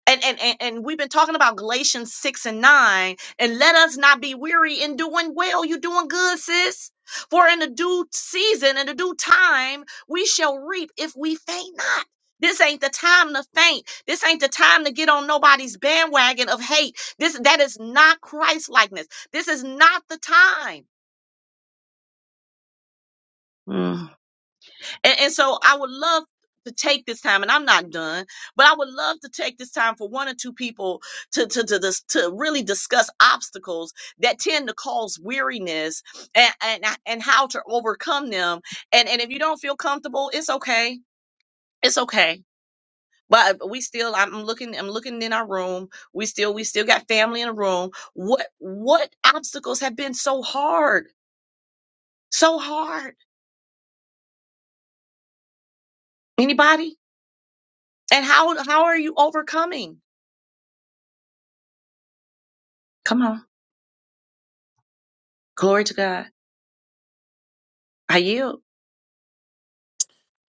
[SPEAKER 1] and, and and and we've been talking about Galatians six and nine, and let us not be weary in doing well. You doing good, sis. For in the due season, in the due time, we shall reap if we faint not. This ain't the time to faint. This ain't the time to get on nobody's bandwagon of hate. This that is not Christ likeness. This is not the time. And, and so I would love to take this time, and I'm not done, but I would love to take this time for one or two people to to to, dis- to really discuss obstacles that tend to cause weariness and, and and how to overcome them. And and if you don't feel comfortable, it's okay. It's okay. But we still, I'm looking, I'm looking in our room. We still, we still got family in the room. What what obstacles have been so hard, so hard? Anybody? And how how are you overcoming? Come on. Glory to God. I yield.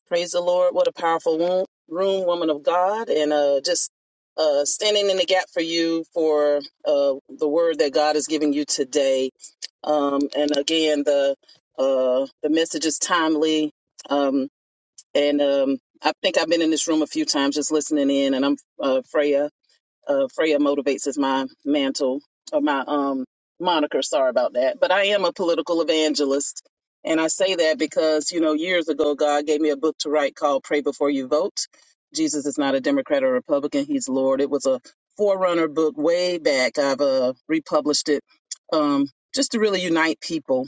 [SPEAKER 4] Praise the Lord. What a powerful room, room woman of God. And uh, just uh, standing in the gap for you for uh, the word that God is giving you today. Um, and again, the uh, the message is timely. Um, and um, I think I've been in this room a few times just listening in. And I'm uh, Freya uh, Freya motivates is my mantle or my um moniker. Sorry about that, but I am a political evangelist, and I say that because you know years ago God gave me a book to write called "Pray Before You Vote." Jesus is not a Democrat or Republican; He's Lord. It was a forerunner book way back. I've uh, republished it um, just to really unite people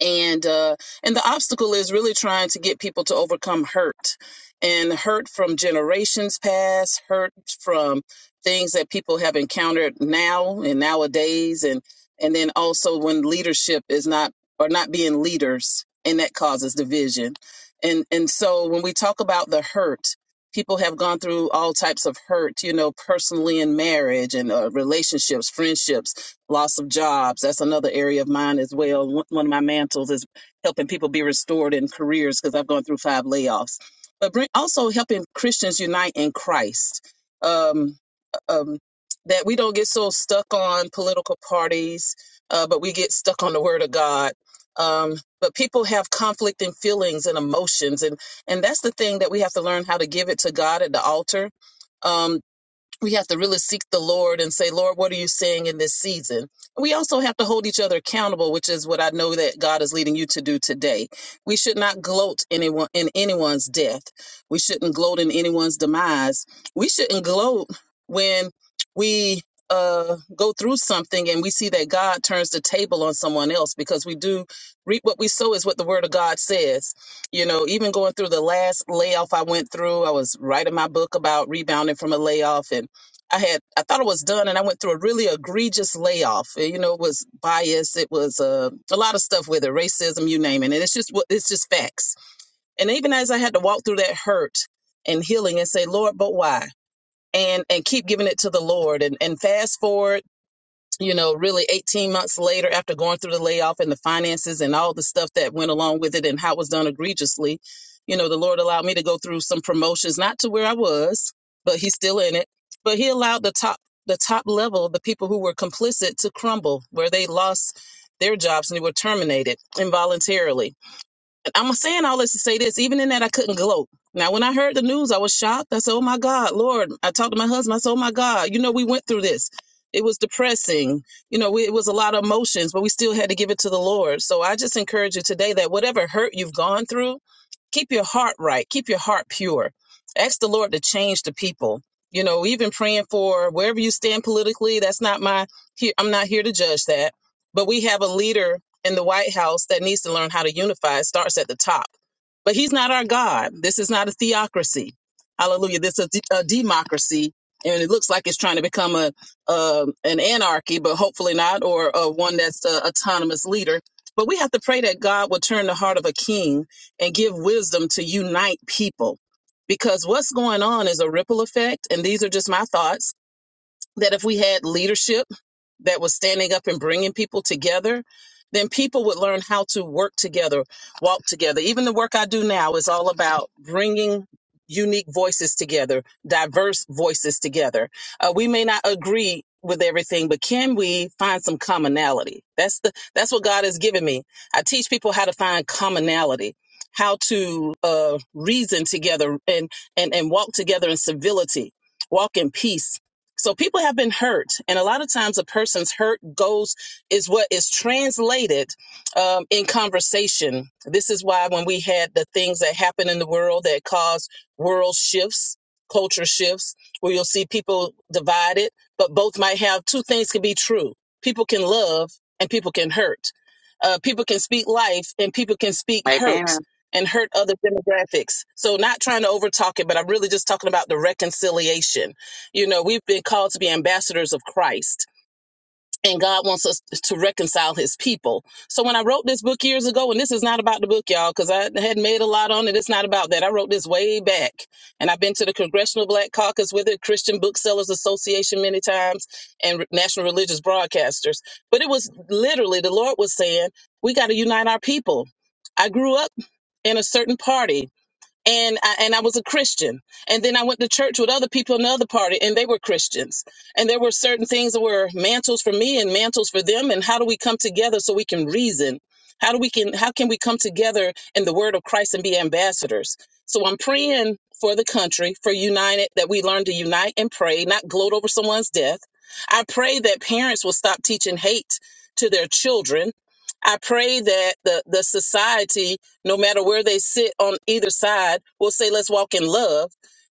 [SPEAKER 4] and uh, and the obstacle is really trying to get people to overcome hurt and hurt from generations past hurt from things that people have encountered now and nowadays and and then also when leadership is not or not being leaders and that causes division and and so when we talk about the hurt people have gone through all types of hurt you know personally in marriage and uh, relationships friendships loss of jobs. That's another area of mine as well. One one of my mantles is helping people be restored in careers because I've gone through five layoffs. But bring, also helping Christians unite in Christ. Um, um, that we don't get so stuck on political parties, uh, but we get stuck on the Word of God. Um, but people have conflict and feelings and emotions, and and that's the thing that we have to learn how to give it to God at the altar Um, we have to really seek the Lord and say, Lord, what are you saying in this season? we also have to hold each other accountable, which is what I know that God is leading you to do today. We should not gloat anyone in anyone's death. We shouldn't gloat in anyone's demise. We shouldn't gloat when we uh go through something and we see that God turns the table on someone else because we do reap what we sow is what the word of God says. You know, even going through the last layoff I went through, I was writing my book about rebounding from a layoff and I had I thought it was done, and I went through a really egregious layoff. Uh, You know, it was bias, it was uh, a lot of stuff with it, racism, you name it. And it's just what- it's just facts. And even as I had to walk through that hurt and healing, and say, Lord, but why? And and keep giving it to the Lord, and and fast forward you know, really 18 months later after going through the layoff and the finances and all the stuff that went along with it and how it was done egregiously, you know, the Lord allowed me to go through some promotions, not to where I was, but he's still in it. But he allowed the top the top level, the people who were complicit to crumble, where they lost their jobs and they were terminated involuntarily I'm saying all this to say this. Even in that, I couldn't gloat. Now, when I heard the news, I was shocked. I said, "Oh my God, Lord!" I talked to my husband. I said, "Oh my God, you know, we went through this. It was depressing. You know, we, it was a lot of emotions, but we still had to give it to the Lord." So I just encourage you today that whatever hurt you've gone through, keep your heart right, keep your heart pure. Ask the Lord to change the people. You know, even praying for wherever you stand politically. That's not my. Here, I'm not here to judge that. But we have a leader in the White House that needs to learn how to unify It starts at the top. But he's not our God. This is not a theocracy. Hallelujah. This is a, de- a democracy. And it looks like it's trying to become a uh, an anarchy, but hopefully not, or uh, one that's a autonomous leader. But we have to pray that God will turn the heart of a king and give wisdom to unite people, because what's going on is a ripple effect. And these are just my thoughts that if we had leadership that was standing up and bringing people together, then people would learn how to work together, walk together. Even the work I do now is all about bringing unique voices together, diverse voices together. Uh, we may not agree with everything, but can we find some commonality? That's the that's what God has given me. I teach people how to find commonality, how to uh, reason together and and and walk together in civility, walk in peace so people have been hurt, and a lot of times a person's hurt goes is what is translated um, in conversation. This is why when we had the things that happen in the world that cause world shifts, culture shifts, where you'll see people divided, but both might have two things can be true. People can love and people can hurt. Uh, people can speak life and people can speak
[SPEAKER 1] Amen.
[SPEAKER 4] hurt and hurt other demographics. So not trying to overtalk it, but I'm really just talking about the reconciliation you know, we've been called to be ambassadors of Christ, and God wants us to reconcile his people. So when I wrote this book years ago, and this is not about the book, y'all, because I had made a lot on it. It's not about that. I wrote this way back, and I've been to the Congressional Black Caucus with it, Christian Booksellers Association many times, and National Religious Broadcasters. But it was literally the Lord was saying, we got to unite our people. I grew up in a certain party and I, and I was a Christian. And then I went to church with other people in the other party, and they were Christians. And there were certain things that were mantles for me and mantles for them. And how do we come together so we can reason? How do we can how can we come together in the word of Christ and be ambassadors? So I'm praying for the country, for united that we learn to unite and pray, not gloat over someone's death. I pray that parents will stop teaching hate to their children. I pray that the the society no matter where they sit on either side, will say, let's walk in love.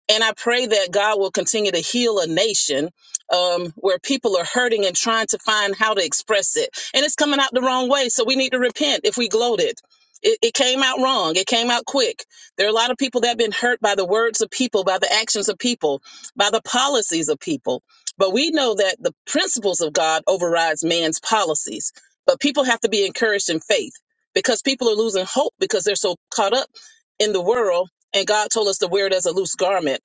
[SPEAKER 4] And I pray that God will continue to heal a nation um, where people are hurting and trying to find how to express it. And it's coming out the wrong way. So we need to repent if we gloated. It, it came out wrong. It came out quick. There are a lot of people that have been hurt by the words of people, by the actions of people, by the policies of people. But we know that the principles of God overrides man's policies. But people have to be encouraged in faith because people are losing hope because they're so caught up in the world. And God told us to wear it as a loose garment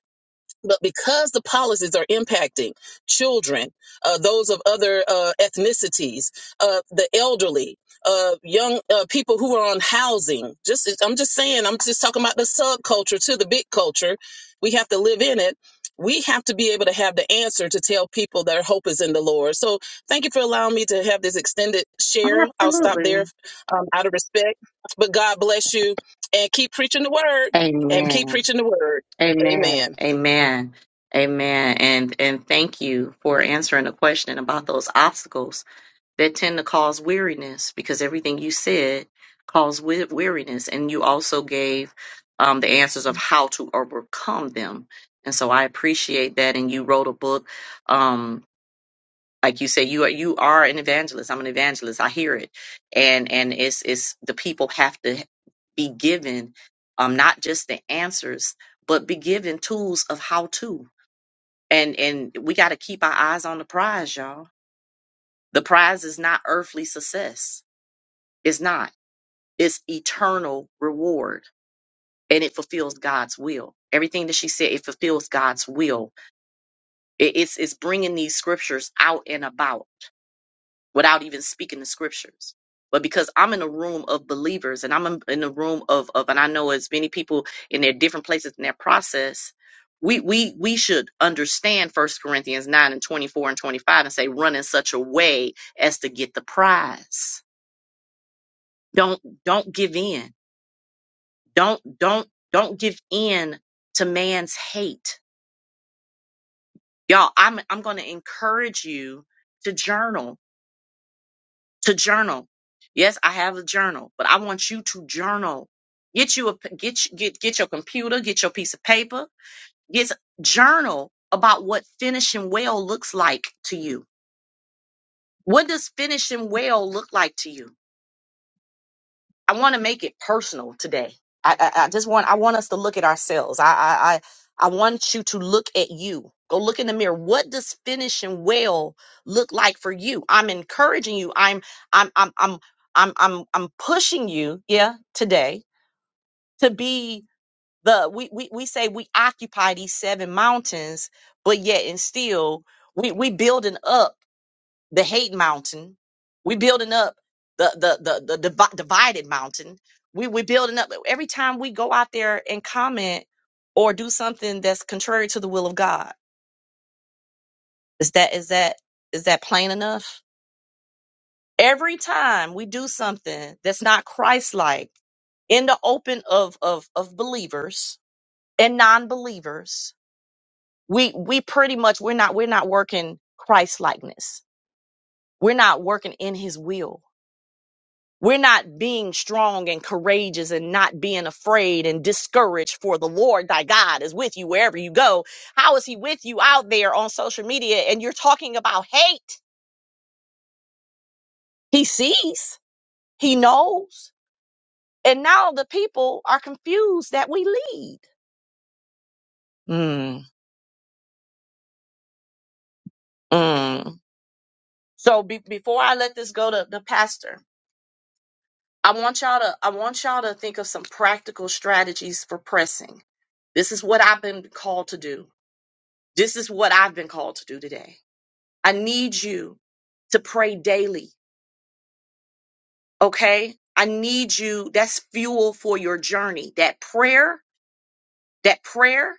[SPEAKER 4] but because the policies are impacting children, uh, those of other uh, ethnicities, uh, the elderly, uh, young uh, people who are on housing, just I'm just saying, I'm just talking about the subculture to the big culture. We have to live in it. We have to be able to have the answer to tell people their hope is in the Lord. So, thank you for allowing me to have this extended share. I'll stop there
[SPEAKER 1] Absolutely.
[SPEAKER 4] um, out of respect. But God bless you and keep preaching the word and keep
[SPEAKER 1] Amen.
[SPEAKER 4] preaching the word.
[SPEAKER 1] Amen.
[SPEAKER 4] Amen.
[SPEAKER 1] Amen. Amen. And and thank you for answering the question about those obstacles that tend to cause weariness because everything you said caused wea- weariness and you also gave um, the answers of how to overcome them. And so I appreciate that. And you wrote a book. Um, like you say you are you are an evangelist i'm an evangelist i hear it and and it's it's the people have to be given um not just the answers but be given tools of how to and and we got to keep our eyes on the prize y'all the prize is not earthly success it's not it's eternal reward and it fulfills god's will everything that she said it fulfills god's will It- it's it's bringing these scriptures out and about without even speaking the scriptures. But because I'm in a room of believers and I'm in in a room of, of and I know as many people in their different places in their process, we we we should understand First Corinthians 9 and 24 and 25 and say, run in such a way as to get the prize. Don't don't give in. Don't don't don't give in to man's hate. Y'all, I'm I'm gonna encourage you to journal to journal. Yes, I have a journal, but I want you to journal. Get you a p- get you- get get your computer, get your piece of paper, get s- journal about what finishing well looks like to you. What does finishing well look like to you? I want to make it personal today. I, I, I just want I want us to look at ourselves. I, I I I want you to look at you. Go look in the mirror. What does finishing well look like for you? I'm encouraging you. I'm I'm I'm I'm I'm I'm, I'm pushing you. Yeah, today to be the we, we we say we occupy these seven mountains, but yet and still we we building up the hate mountain. We building up the the the the divi- divided mountain. We we building up every time we go out there and comment or do something that's contrary to the will of God. Is that is that is that plain enough? Every time we do something that's not Christ-like in the open of of of believers and non-believers, we we pretty much we're not we're not working Christ-likeness. We're not working in His will We're not being strong and courageous and not being afraid and discouraged for the Lord thy God is with you wherever you go. How is he with you out there on social media and you're talking about hate? He sees, he knows. And now the people are confused that we lead. Mm, mm. So be- before I let this go to the pastor, I want y'all to I want y'all to think of some practical strategies for pressing. This is what I've been called to do. This is what I've been called to do today. I need you to pray daily, okay? I need you. That's fuel for your journey. That prayer, that prayer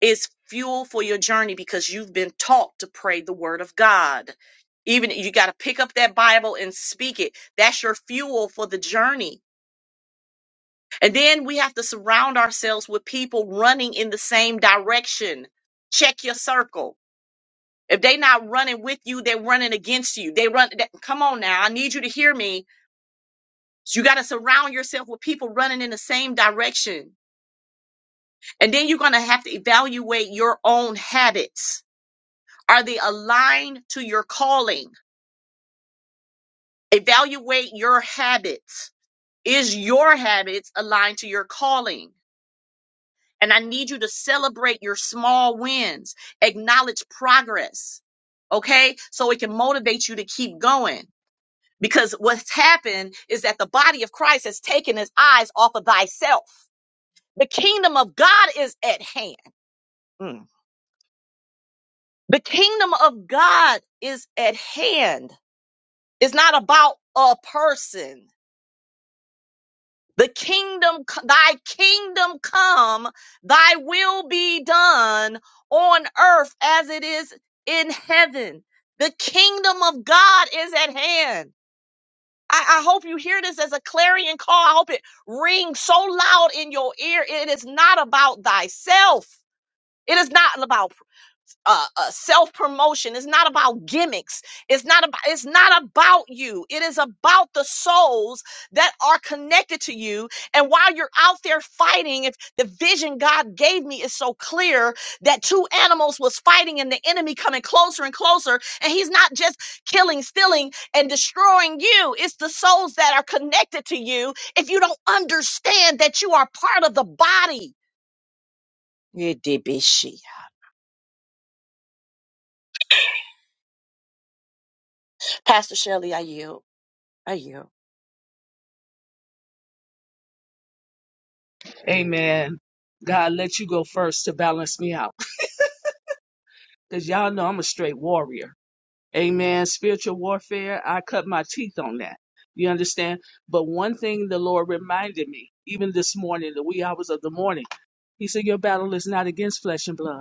[SPEAKER 1] is fuel for your journey because you've been taught to pray the word of God. Even you got to pick up that Bible and speak it. That's your fuel for the journey. And then we have to surround ourselves with people running in the same direction. Check your circle. If they not running with you, they're running against you. They run. that- Come on now. I need you to hear me So you got to surround yourself with people running in the same direction. And then you're going to have to evaluate your own habits. Are they aligned to your calling? Evaluate your habits. Is your habits aligned to your calling? And I need you to celebrate your small wins, acknowledge progress. Okay. So it can motivate you to keep going. Because what's happened is that the body of Christ has taken his eyes off of thyself The kingdom of God is at hand. Mm. The kingdom of God is at hand. It's not about a person. The kingdom, thy kingdom come, thy will be done on earth as it is in heaven. The kingdom of God is at hand. I, I hope you hear this as a clarion call. I hope it rings so loud in your ear. It is not about thyself. It is not about uh, uh, self promotion. It's not about gimmicks. It's not about. It's not about you. It is about the souls that are connected to you. And while you're out there fighting, if the vision God gave me is so clear that two animals was fighting and the enemy coming closer and closer, and he's not just killing, stealing, and destroying you. It's the souls that are connected to you. If you don't understand that you are part of the body, you did be she. Pastor Shelley, I yield. I yield.
[SPEAKER 5] Amen. God, let you go first to balance me out. Because y'all know I'm a straight warrior. Amen. Spiritual warfare, I cut my teeth on that. You understand? But one thing the Lord reminded me, even this morning, the wee hours of the morning, He said, Your battle is not against flesh and blood.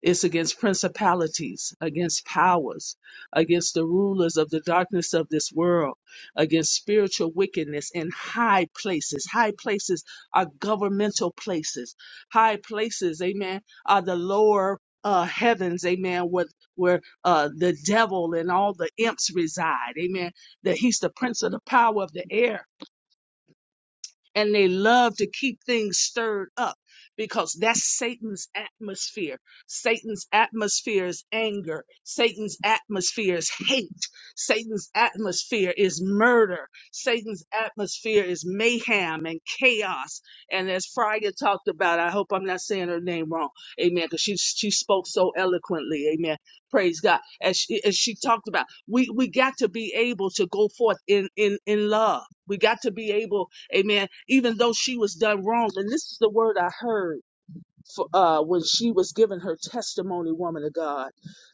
[SPEAKER 5] It's against principalities, against powers, against the rulers of the darkness of this world, against spiritual wickedness in high places. High places are governmental places. High places, amen, are the lower uh, heavens, amen, where, where uh, the devil and all the imps reside, amen. That he's the prince of the power of the air and they love to keep things stirred up because that's Satan's atmosphere. Satan's atmosphere is anger. Satan's atmosphere is hate. Satan's atmosphere is murder. Satan's atmosphere is mayhem and chaos. And as Friday talked about, I hope I'm not saying her name wrong. Amen. Because she she spoke so eloquently. Amen. Praise God. As she, as she talked about, we we got to be able to go forth in in in love. We got to be able Amen. Even though she was done wrong. And this is the word I heard for, uh, when she was giving her testimony, woman of God.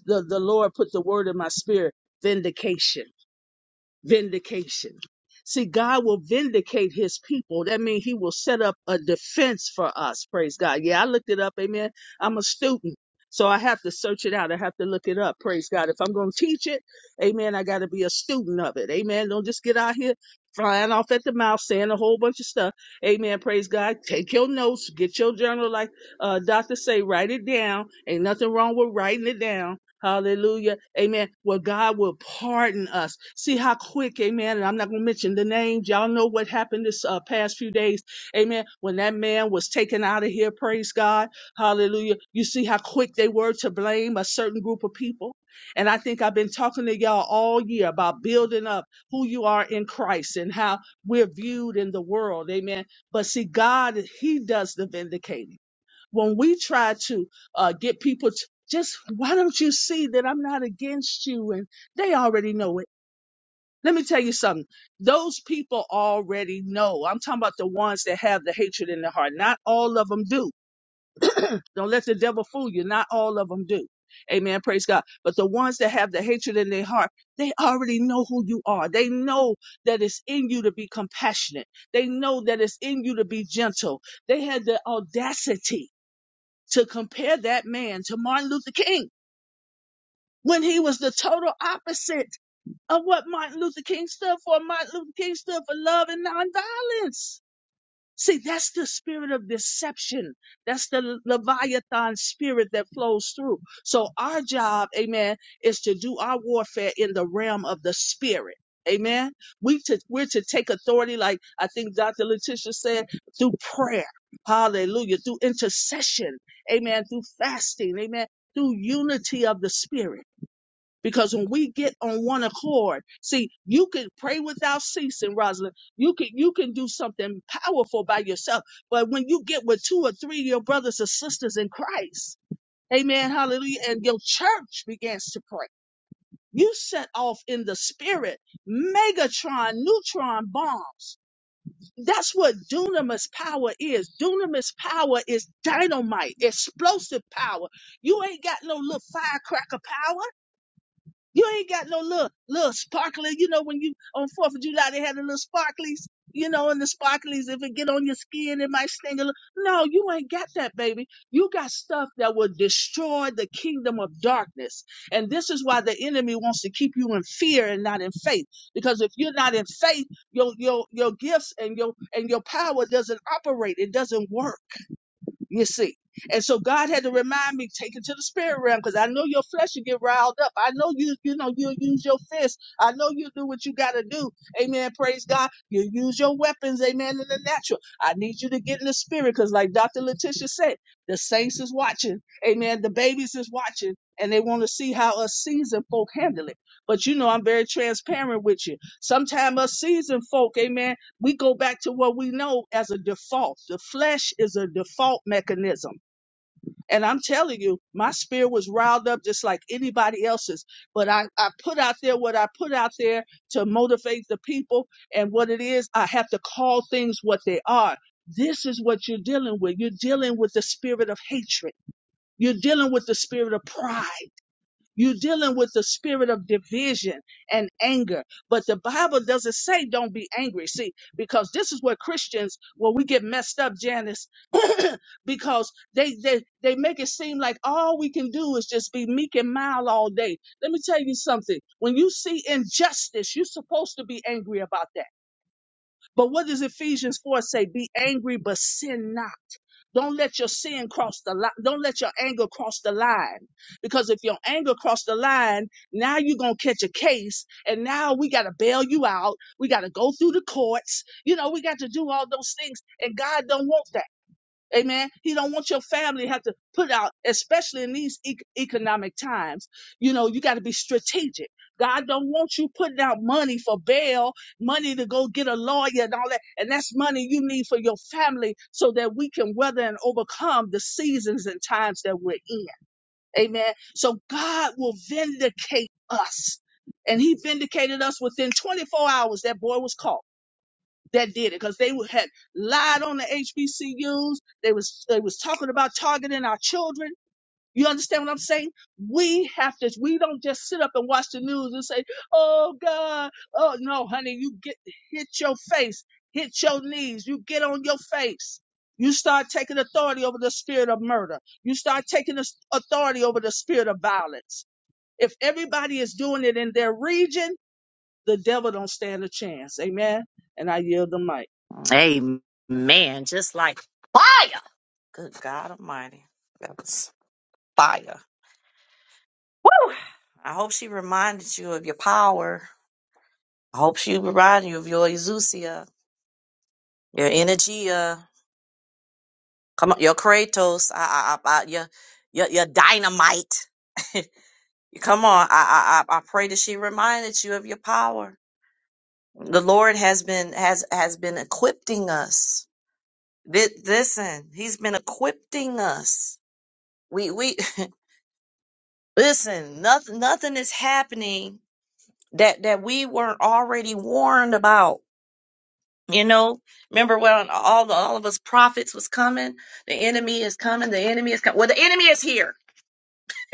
[SPEAKER 5] The, the Lord put the word in my spirit, vindication vindication. See, God will vindicate his people. That means he will set up a defense for us. Praise God. Yeah, I looked it up. Amen. I'm a student. So I have to search it out. I have to look it up. Praise God. If I'm going to teach it, amen, I got to be a student of it. Amen. Don't just get out here flying off at the mouth saying a whole bunch of stuff. Amen. Praise God. Take your notes, get your journal like uh, Dr. say, write it down. Ain't nothing wrong with writing it down. Hallelujah. Amen. Well, God will pardon us. See how quick, amen. And I'm not going to mention the names. Y'all know what happened this uh, past few days. Amen. When that man was taken out of here, praise God. Hallelujah. You see how quick they were to blame a certain group of people. And I think I've been talking to y'all all year about building up who you are in Christ and how we're viewed in the world. Amen. But see, God, He does the vindicating when we try to uh, get people to just, why don't you see that I'm not against you? And they already know it. Let me tell you something. Those people already know. I'm talking about the ones that have the hatred in their heart. Not all of them do. Don't let the devil fool you. Not all of them do. Amen. Praise God. But the ones that have the hatred in their heart, they already know who you are. They know that it's in you to be compassionate. They know that it's in you to be gentle. They had the audacity to compare that man to Martin Luther King when he was the total opposite of what Martin Luther King stood for. Martin Luther King stood for love and nonviolence. See, that's the spirit of deception. That's the Leviathan spirit that flows through. So our job, amen, is to do our warfare in the realm of the spirit. Amen. We to, we're to take authority, like I think Dr. Letitia said, through prayer. Hallelujah. Through intercession. Amen. Through fasting. Amen. Through unity of the spirit. Because when we get on one accord, see, you can pray without ceasing, Rosalind. You can you can do something powerful by yourself. But when you get with two or three of your brothers and sisters in Christ, amen, hallelujah, and your church begins to pray. You set off in the spirit megatron, neutron bombs. That's what dunamis power is. Dunamis power is dynamite, explosive power. You ain't got no little firecracker power. You ain't got no little little sparkly. You know when you on Fourth of July they had the little sparklies. You know, and the sparklies if it get on your skin it might sting a little. No, you ain't got that, baby. You got stuff that will destroy the kingdom of darkness, and this is why the enemy wants to keep you in fear and not in faith. Because if you're not in faith, your your your gifts and your and your power doesn't operate. It doesn't work. You see. And so God had to remind me, take it to the spirit realm, because I know your flesh will get riled up. I know you, you know, you'll use your fists. I know you do what you gotta do. Amen. Praise God. You use your weapons, amen, in the natural. I need you to get in the spirit, because like Dr. Letitia said, the saints is watching. Amen. The babies is watching. And they want to see how us seasoned folk handle it. But you know, I'm very transparent with you. Sometimes us seasoned folk, amen we go back to what we know as a default. The flesh is a default mechanism. And I'm telling you, my spirit was riled up just like anybody else's. But I, I put out there what I put out there to motivate the people. And what it is, I have to call things what they are. This is what you're dealing with. You're dealing with the spirit of hatred. You're dealing with the spirit of pride. You're dealing with the spirit of division and anger. But the Bible doesn't say don't be angry. See, because this is where Christians, where we get messed up, Janice, because they, they, they make it seem like all we can do is just be meek and mild all day. Let me tell you something. When you see injustice, you're supposed to be angry about that. But what does Ephesians 4 say? Be angry, but sin not. Don't let your sin cross the line. Don't let your anger cross the line. Because if your anger crossed the line, now you're going to catch a case. And now we got to bail you out. We got to go through the courts. You know, we got to do all those things. And God don't want that. Amen. He don't want your family to have to put out, especially in these e- economic times. You know, you got to be strategic. God don't want you putting out money for bail, money to go get a lawyer and all that. And that's money you need for your family so that we can weather and overcome the seasons and times that we're in. Amen. So God will vindicate us. And he vindicated us within 24 hours. That boy was caught that did it because they had lied on the HBCUs. They was they was talking about targeting our children. You understand what I'm saying? We have to. We don't just sit up and watch the news and say, "Oh God, oh no, honey." You get hit your face, hit your knees. You get on your face. You start taking authority over the spirit of murder. You start taking this authority over the spirit of violence. If everybody is doing it in their region, the devil don't stand a chance. Amen. And I yield the mic.
[SPEAKER 1] Amen. Just like fire. Good God Almighty. That was fire. Woo! I hope she reminded you of your power. I hope she reminded you of your Exousia, your energia. come on, your Kratos, I, I, I, I- your, your, your dynamite. come on, I, I, I I pray that she reminded you of your power. The Lord has been has has been equipping us. Thi- Listen, He's been equipping us. We we Listen, nothing nothing is happening that that we weren't already warned about. You know, remember when all the, all of us prophets was coming? The enemy is coming. The enemy is coming. Well, the enemy is here.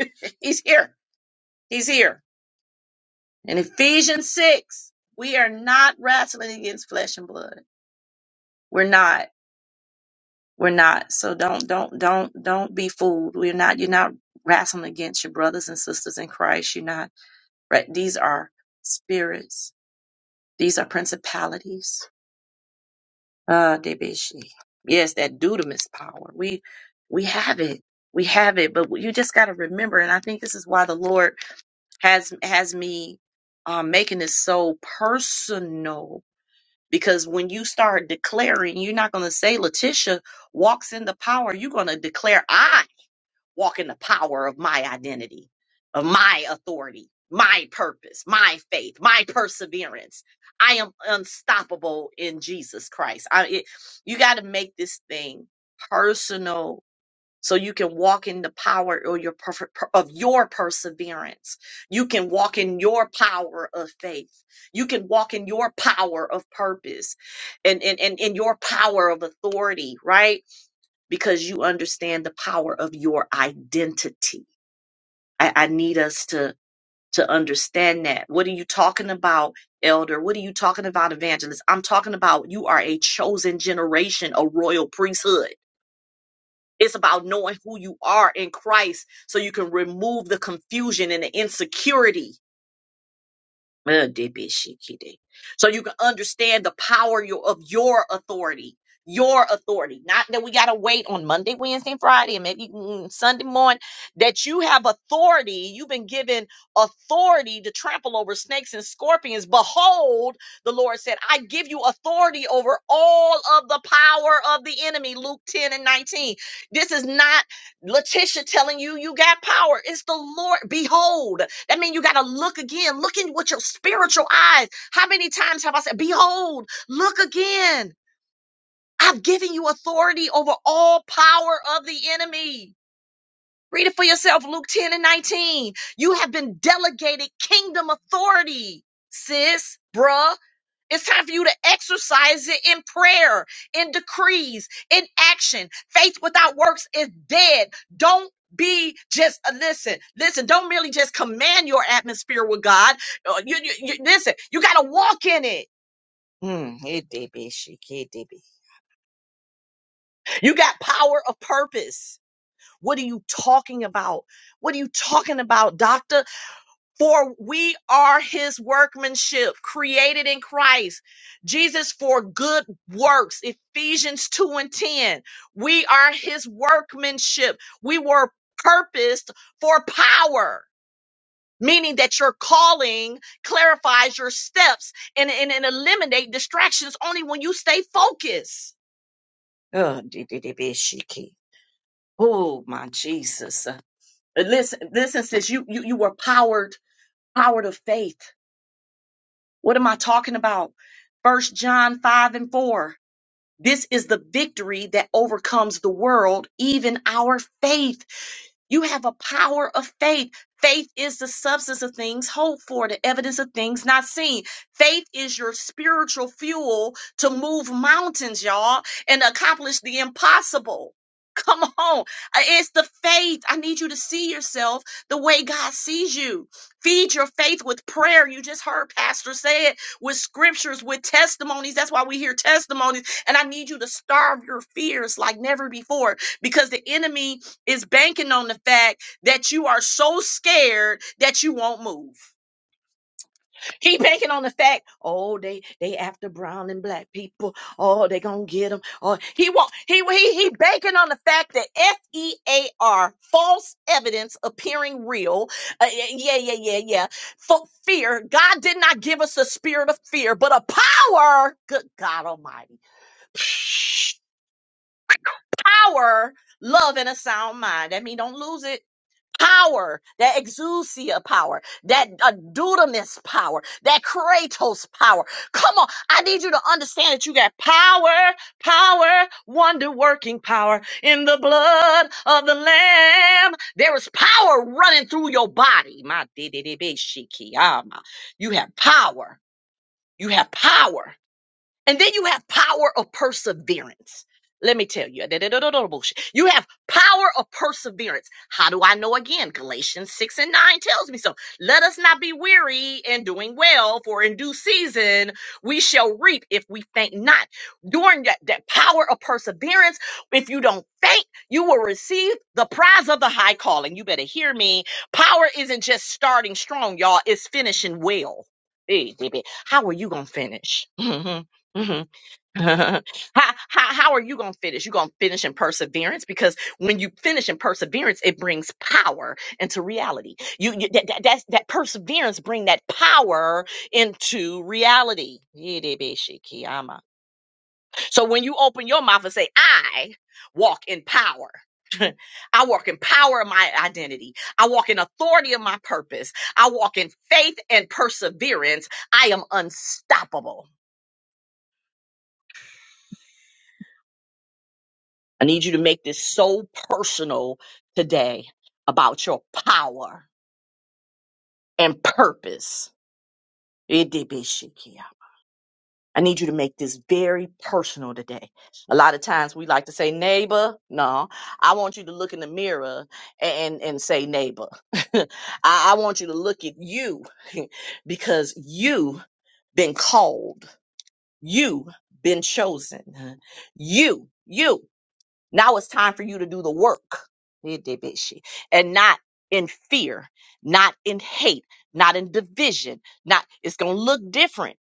[SPEAKER 1] He's here. He's here. In Ephesians six, we are not wrestling against flesh and blood. We're not. We're not. So don't don't don't don't be fooled. We're not. You're not wrestling against your brothers and sisters in Christ. You're not. Right. These are spirits These are principalities. Ah, Debeshi. Yes, that dudamus power. We we have it. We have it, but you just got to remember, and I think this is why the Lord has has me um, making this so personal. Because when you start declaring, you're not going to say Letitia walks in the power. You're going to declare I walk in the power of my identity, of my authority, my purpose, my faith, my perseverance. I am unstoppable in Jesus Christ. I, it, you got to make this thing personal so you can walk in the power or your perf- per- of your perseverance. You can walk in your power of faith. You can walk in your power of purpose and, and, and, and your power of authority, right? because you understand the power of your identity. I, I need us to to understand that. What are you talking about, elder? What are you talking about, evangelist? I'm talking about you are a chosen generation, a royal priesthood. It's about knowing who you are in Christ so you can remove the confusion and the insecurity Uh, debeshikide. So you can understand the power your, of your authority. Your authority. Not that we got to wait on Monday, Wednesday, and Friday, and maybe mm, Sunday morning, that you have authority. You've been given authority to trample over snakes and scorpions. Behold, the Lord said, I give you authority over all of the power of the enemy. Luke 10 and 19. This is not Letitia telling you you got power. It's the Lord. Behold, that means you got to look again, look in with your spiritual eyes. How many times have I said, Behold, look again. I've given you authority over all power of the enemy. Read it for yourself, Luke 10 and 19. You have been delegated kingdom authority, sis, bruh. It's time for you to exercise it in prayer, in decrees, in action. Faith without works is dead. Don't be just uh, listen, listen. Don't merely just command your atmosphere with God. Uh, You, you, you- listen. You got to walk in it. Mm, it did be, she kid did be. You got power of purpose. What are you talking about? What are you talking about, doctor? For we are his workmanship created in Christ Jesus for good works. Ephesians 2 and 10. We are his workmanship. We were purposed for power, meaning that your calling clarifies your steps and, and, and eliminate distractions only when you stay focused. Oh, DDDBSHIKI. Oh, my Jesus. Uh, Listen, listen, sis, you, you, you were powered, powered of faith. What am I talking about? First John 5 and 4. This is the victory that overcomes the world, even our faith. You have a power of faith. Faith is the substance of things hoped for, the evidence of things not seen. Faith is your spiritual fuel to move mountains, y'all, and accomplish the impossible. Come on. Uh, It's the faith. I need you to see yourself the way God sees you. Feed your faith with prayer. You just heard Pastor say it with scriptures, with testimonies. That's why we hear testimonies. And I need you to starve your fears like never before because the enemy is banking on the fact that you are so scared that you won't move. He banking on the fact, oh, they they after brown and black people. Oh, they gonna get them. Oh, he won't. He he he banking on the fact that F E A R false evidence appearing real. Uh, yeah yeah yeah yeah. yeah. For fear, God did not give us a spirit of fear, but a power. Good God Almighty, power, love, and a sound mind. That mean don't lose it power, that exousia power, that uh, dudamis power, that kratos power. Come on, I need you to understand that you got power, power, wonder working power in the blood of the Lamb. There is power running through your body. My dee dee dee bee, she key, ah, my. You have power. You have power. And then you have power of perseverance. Let me tell you, bullshit. you have power of perseverance. How do I know again? Galatians 6 and 9 tells me so. Let us not be weary in doing well, for in due season we shall reap if we faint not. During that, that power of perseverance, if you don't faint, you will receive the prize of the high calling. You better hear me. Power isn't just starting strong, y'all, it's finishing well. Hey, baby, how are you going to finish? hmm how, how how are you going to finish? you going to finish in perseverance because when you finish in perseverance, it brings power into reality. You, you that, that that's, that perseverance bring that power into reality. Yidibishikiyama. So when you open your mouth and say, "I walk in power," I walk in power of my identity. I walk in authority of my purpose. I walk in faith and perseverance. I am unstoppable. I need you to make this so personal today about your power and purpose. Idibishikia. I need you to make this very personal today. A lot of times we like to say neighbor. No, I want you to look in the mirror and, and say neighbor. I, I want you to look at you because you been called. You been chosen. You, you. Now it's time for you to do the work. And not in fear, not in hate, not in division, not it's gonna look different.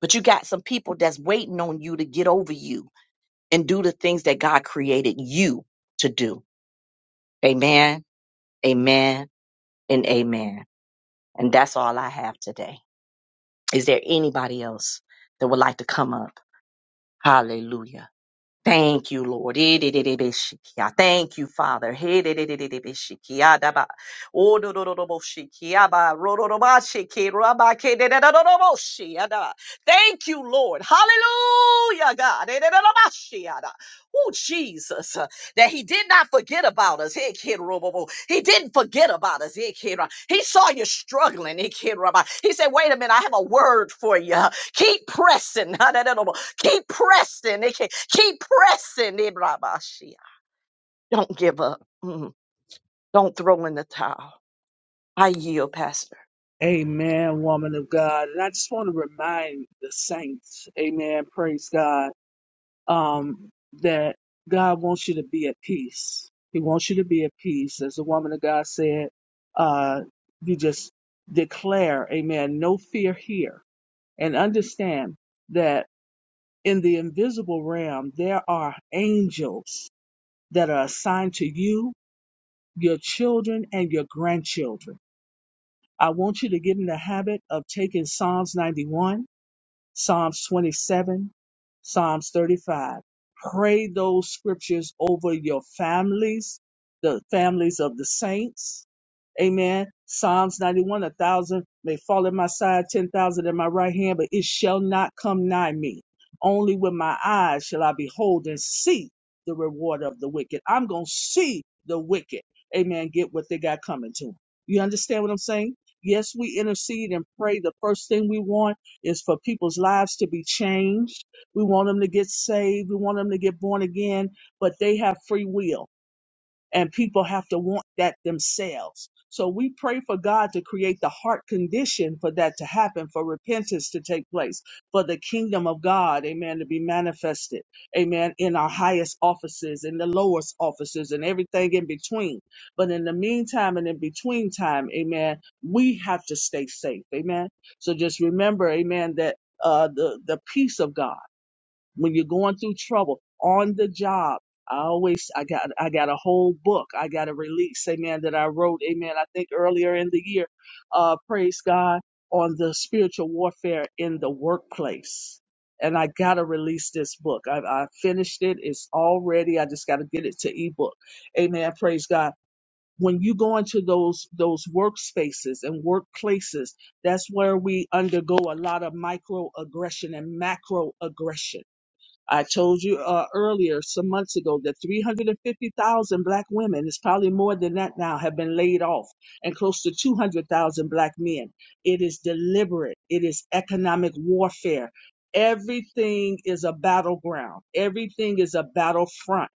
[SPEAKER 1] But you got some people that's waiting on you to get over you and do the things that God created you to do. Amen, amen, and amen. And that's all I have today. Is there anybody else that would like to come up? Hallelujah. Thank you, Lord. Idididibishikia. Thank you, Father. Hididididibishikiadaba. Odododoboshikiaba. Rododobashikirabakidididodoboshiada. Thank you, Lord. Hallelujah, God. Ididididobashiada. Oh, Jesus, uh, that He did not forget about us. Hikirobobo. He didn't forget about us. Hikira. He saw you struggling. Hikiraba. He said, Wait a minute, I have a word for you. Keep pressing. Keep pressing. They can keep pressing. They blah, blah, shit. Don't give up. Mm. Don't throw in the towel. I yield, Pastor.
[SPEAKER 5] Amen, woman of God. And I just want to remind the saints, amen, praise God, um, that God wants you to be at peace. He wants you to be at peace. As the woman of God said, uh, you just declare, amen, no fear here. And understand that in the invisible realm, there are angels that are assigned to you, your children, and your grandchildren. I want you to get in the habit of taking Psalms 91 Psalms 27, Psalms 35. Pray those scriptures over your families, the families of the saints. Amen. Psalms 91, a thousand may fall at my side, 10,000 at my right hand, but it shall not come nigh me. Only with my eyes shall I behold and see the reward of the wicked. I'm going to see the wicked. Amen. Get what they got coming to them. You understand what I'm saying? Yes, we intercede and pray the first thing we want is for people's lives to be changed. We want them to get saved. We want them to get born again, but they have free will and people have to want that themselves. So we pray for God to create the heart condition for that to happen, for repentance to take place, for the kingdom of God, amen, to be manifested, amen, in our highest offices, in the lowest offices, and everything in between. But in the meantime and in between time, amen, we have to stay safe, amen. So just remember, amen, that uh, the the peace of God when you're going through trouble on the job i always i got i got a whole book i got a release amen that i wrote amen i think earlier in the year uh praise god on the spiritual warfare in the workplace and i gotta release this book i, I finished it it's already i just gotta get it to ebook amen praise god when you go into those those workspaces and workplaces that's where we undergo a lot of microaggression and macroaggression I told you uh, earlier, some months ago, that 350,000 black women, it's probably more than that now, have been laid off, and close to 200,000 black men. It is deliberate, it is economic warfare. Everything is a battleground, everything is a battlefront.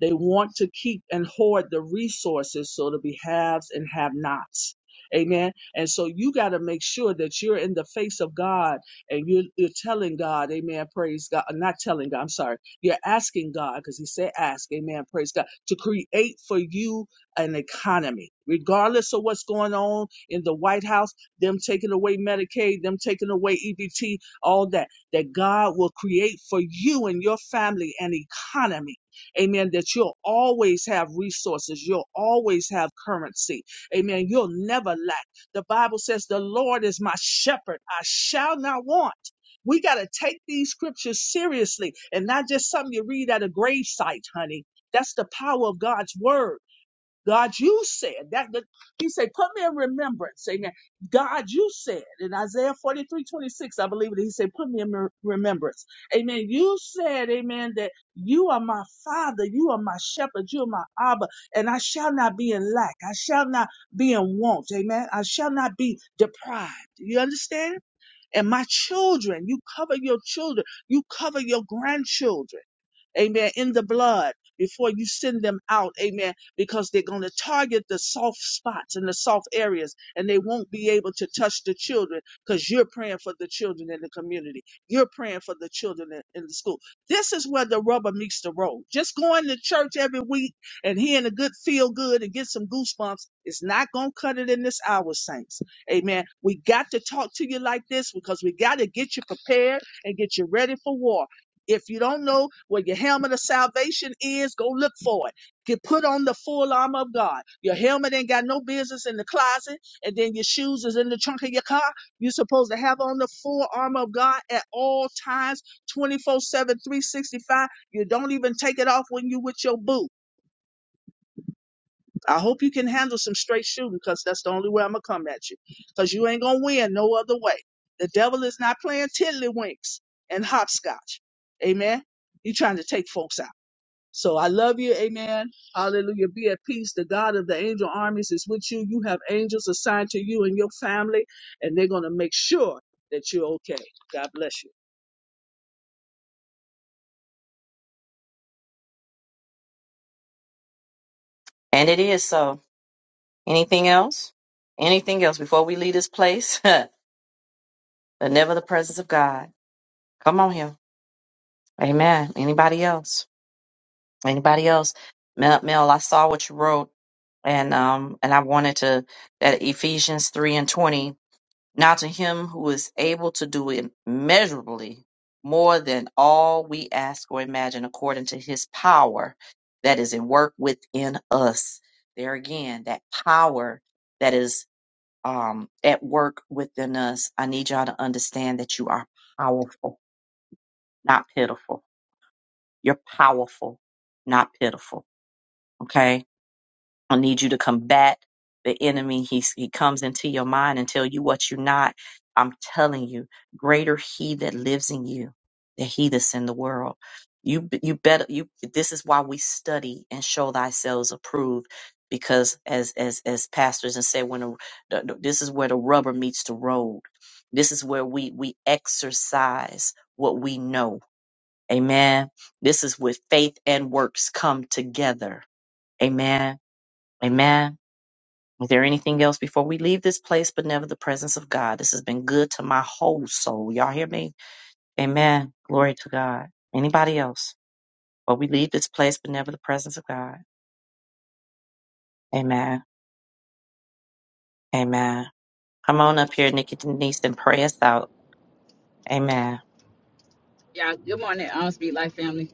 [SPEAKER 5] They want to keep and hoard the resources so to be haves and have nots. Amen. And so you got to make sure that you're in the face of God and you're, you're telling God, amen, praise God, uh, not telling God, I'm sorry, you're asking God, because he said ask, amen, praise God, to create for you an economy. Regardless of what's going on in the White House, them taking away Medicaid, them taking away EBT, all that, that God will create for you and your family an economy. Amen. That you'll always have resources. You'll always have currency. Amen. You'll never lack. The Bible says, The Lord is my shepherd. I shall not want. We got to take these scriptures seriously and not just something you read at a grave site, honey. That's the power of God's word. God, you said that, that he said, put me in remembrance. Amen. God, you said in Isaiah 43:26, I believe it. He said, put me in mer- remembrance. Amen. You said, amen, that you are my father. You are my shepherd. You are my Abba. And I shall not be in lack. I shall not be in want. Amen. I shall not be deprived. You understand? And my children, you cover your children. You cover your grandchildren amen, in the blood before you send them out, amen, because they're going to target the soft spots and the soft areas, and they won't be able to touch the children because you're praying for the children in the community. You're praying for the children in, in the school. This is where the rubber meets the road. Just going to church every week and hearing a good feel good and get some goosebumps is not going to cut it in this hour, saints. Amen. We got to talk to you like this because we got to get you prepared and get you ready for war if you don't know what your helmet of salvation is, go look for it. Get put on the full armor of God. Your helmet ain't got no business in the closet, and then your shoes is in the trunk of your car. You're supposed to have on the full armor of God at all times, 24 7, 365. You don't even take it off when you with your boo. I hope you can handle some straight shooting because that's the only way I'm going to come at you because you ain't going to win no other way. The devil is not playing tiddlywinks and hopscotch. Amen. You trying to take folks out. So I love you. Amen. Hallelujah. Be at peace. The God of the angel armies is with you. You have angels assigned to you and your family, and they're going to make sure that you're okay. God bless you.
[SPEAKER 1] And it is so. Anything else? Anything else before we leave this place? but never the presence of God. Come on here. Amen. Anybody else? Anybody else? Mel, Mel I saw what you wrote, and um, and I wanted to that Ephesians three and twenty. Now to him who is able to do immeasurably more than all we ask or imagine, according to his power that is at work within us. There again, that power that is um, at work within us. I need y'all to understand that you are powerful, not pitiful. You're powerful, not pitiful. Okay I need you to combat the enemy. He, he comes into your mind and tell you what you're not. I'm telling you, greater he that lives in you than he that's in the world. You b- you better you this is why we study and show thyself approved because as as as pastors and say when a, the, the- this is where the rubber meets the road. This is where we we exercise what we know. Amen. This is where faith and works come together. Amen. Amen. Is there anything else before we leave this place, but never the presence of God? This has been good to my whole soul. Y'all hear me? Amen. Glory to God. Anybody else? But we leave this place, but never the presence of God. Amen. Amen. Come on up here, Nikki Denise, and pray us out. Amen.
[SPEAKER 6] Yeah, good morning, um, Speed Life family.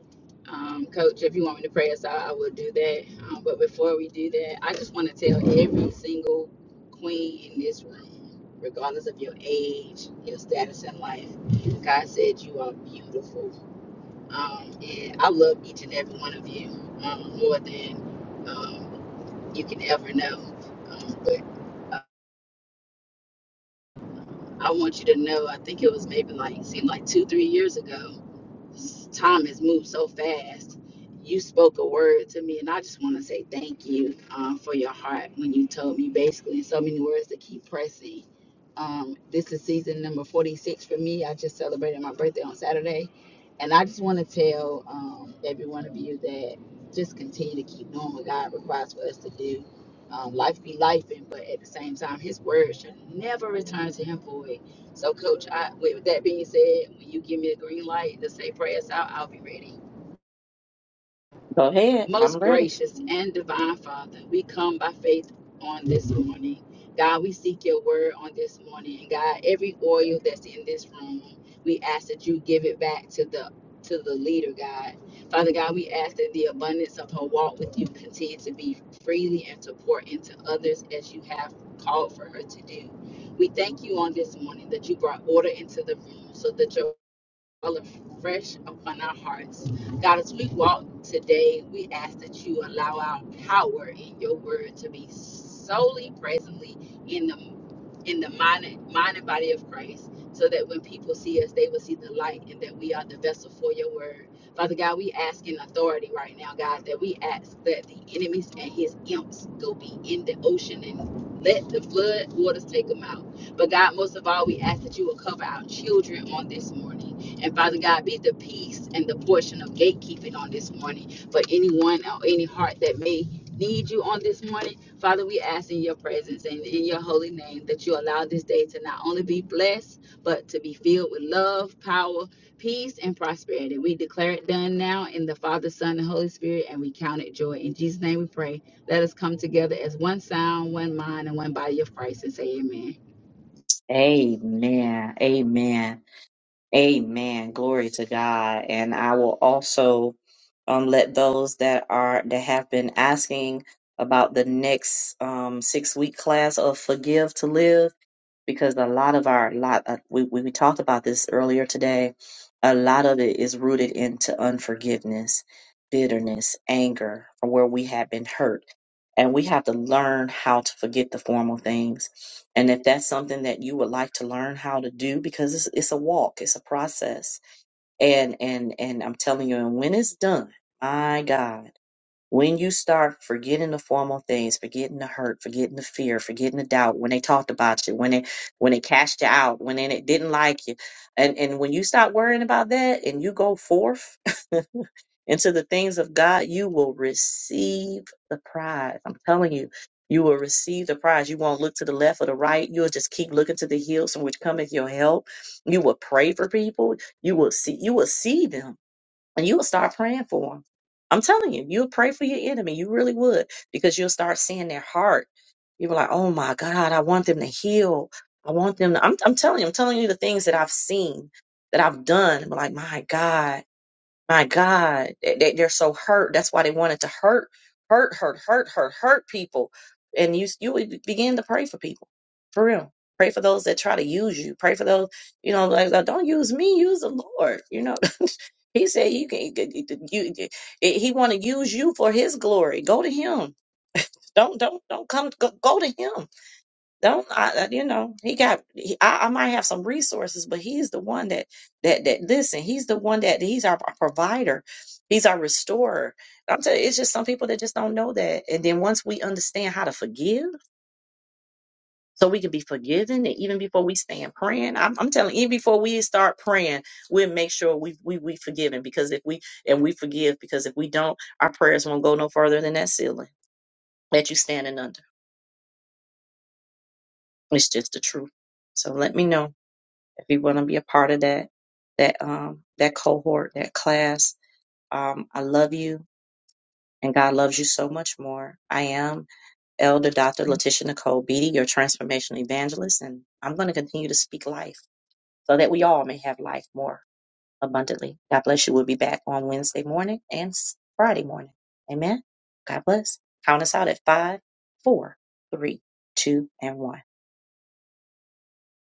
[SPEAKER 6] Um, Coach, if you want me to pray us out, I will do that. Um, but before we do that, I just want to tell every single queen in this room, regardless of your age, your status in life, God said you are beautiful. Um, and I love each and every one of you um, more than um, you can ever know. Um, but uh, I want you to know, I think it was maybe like, seemed like two, three years ago. time has moved so fast. You spoke a word to me, and I just want to say thank you um, for your heart when you told me basically in so many words to keep pressing. Um, this is season number 46 for me. I just celebrated my birthday on Saturday, and I just want to tell um, every one of you that just continue to keep doing what God requires for us to do. Um, life be life, but at the same time, His word should never return to Him void. So, Coach, I, with that being said, when you give me the green light to say prayers out, I'll be ready.
[SPEAKER 1] Go ahead. I'm
[SPEAKER 6] Most
[SPEAKER 1] ready.
[SPEAKER 6] gracious and divine Father, we come by faith on this morning. God, we seek your word on this morning. And God, every oil that's in this room, we ask that you give it back to the to the leader, God. Father God, we ask that the abundance of her walk with you continue to be freely and to pour into others as you have called for her to do. We thank you on this morning that you brought order into the room so that your well, fresh upon our hearts. God, as we walk today, we ask that you allow our power in your word to be solely presently in the in the mind, and- mind and body of Christ, so that when people see us, they will see the light and that we are the vessel for your word. Father God, we ask in authority right now, God, that we ask that the enemies and his imps go be in the ocean and let the flood waters take them out. But God, most of all, we ask that you will cover our children on this morning. And Father God, be the peace and the portion of gatekeeping on this morning for anyone or any heart that may need you on this morning. Father, we ask in your presence and in your holy name that you allow this day to not only be blessed, but to be filled with love, power, peace, and prosperity. We declare it done now in the Father, Son, and Holy Spirit, and we count it joy. In Jesus' name we pray. Let us come together as one sound, one mind, and one body of Christ and say amen.
[SPEAKER 1] Amen. Amen. Amen. Glory to God. And I will also um, let those that are that have been asking about the next um, six week class of Forgive to Live because a lot of our lot uh, we, we we talked about this earlier today a lot of it is rooted into unforgiveness bitterness anger or where we have been hurt and we have to learn how to forget the formal things and if that's something that you would like to learn how to do because it's, it's a walk it's a process and and and i'm telling you and when it's done my god when you start forgetting the formal things, forgetting the hurt, forgetting the fear, forgetting the doubt, when they talked about you, when they when they cast you out, when they didn't like you, and and when you stop worrying about that and you go forth into the things of God, you will receive the prize. I'm telling you, you will receive the prize. You won't look to the left or the right. You'll just keep looking to the hills from which cometh your help. You will pray for people. You will see. You will see them and you will start praying for them. I'm telling you, you'll pray for your enemy. You really would, because you'll start seeing their heart. You'll be like, oh my God, I want them to heal. I want them to, I'm, I'm telling you, I'm telling you the things that I've seen, that I've done. I'm like, my God, my God, they, they- they're so hurt. That's why they wanted to hurt, hurt, hurt, hurt, hurt, hurt people. And you, you would begin to pray for people for real. Pray for those that try to use you. Pray for those, you know, like, like, don't use me, use the Lord, you know he said you can you, can- you you- he want to use you for his glory. Go to him. Don't don't don't come go, go to him. Don't I, I- you know he got he, I, I might have some resources, but he's the one that that that listen. He's the one that he's our provider. He's our restorer. I'm telling you, it's just some people that just don't know that. And then once we understand how to forgive so we can be forgiven. And even before we stand praying, I'm, I'm telling, you, even before we start praying, we'll make sure we we we forgiven because if we and we forgive because if we don't, our prayers won't go no further than that ceiling that you standing under. It's just the truth. So let me know if you want to be a part of that that um that cohort that class. Um, I love you. And God loves you so much more. I am Elder Dr. Letitia Nicole Beatty, your transformational evangelist, and I'm going to continue to speak life so that we all may have life more abundantly. God bless you. We'll be back on Wednesday morning and s- Friday morning. Amen. God bless. Count us out at five, four, three, two, and one.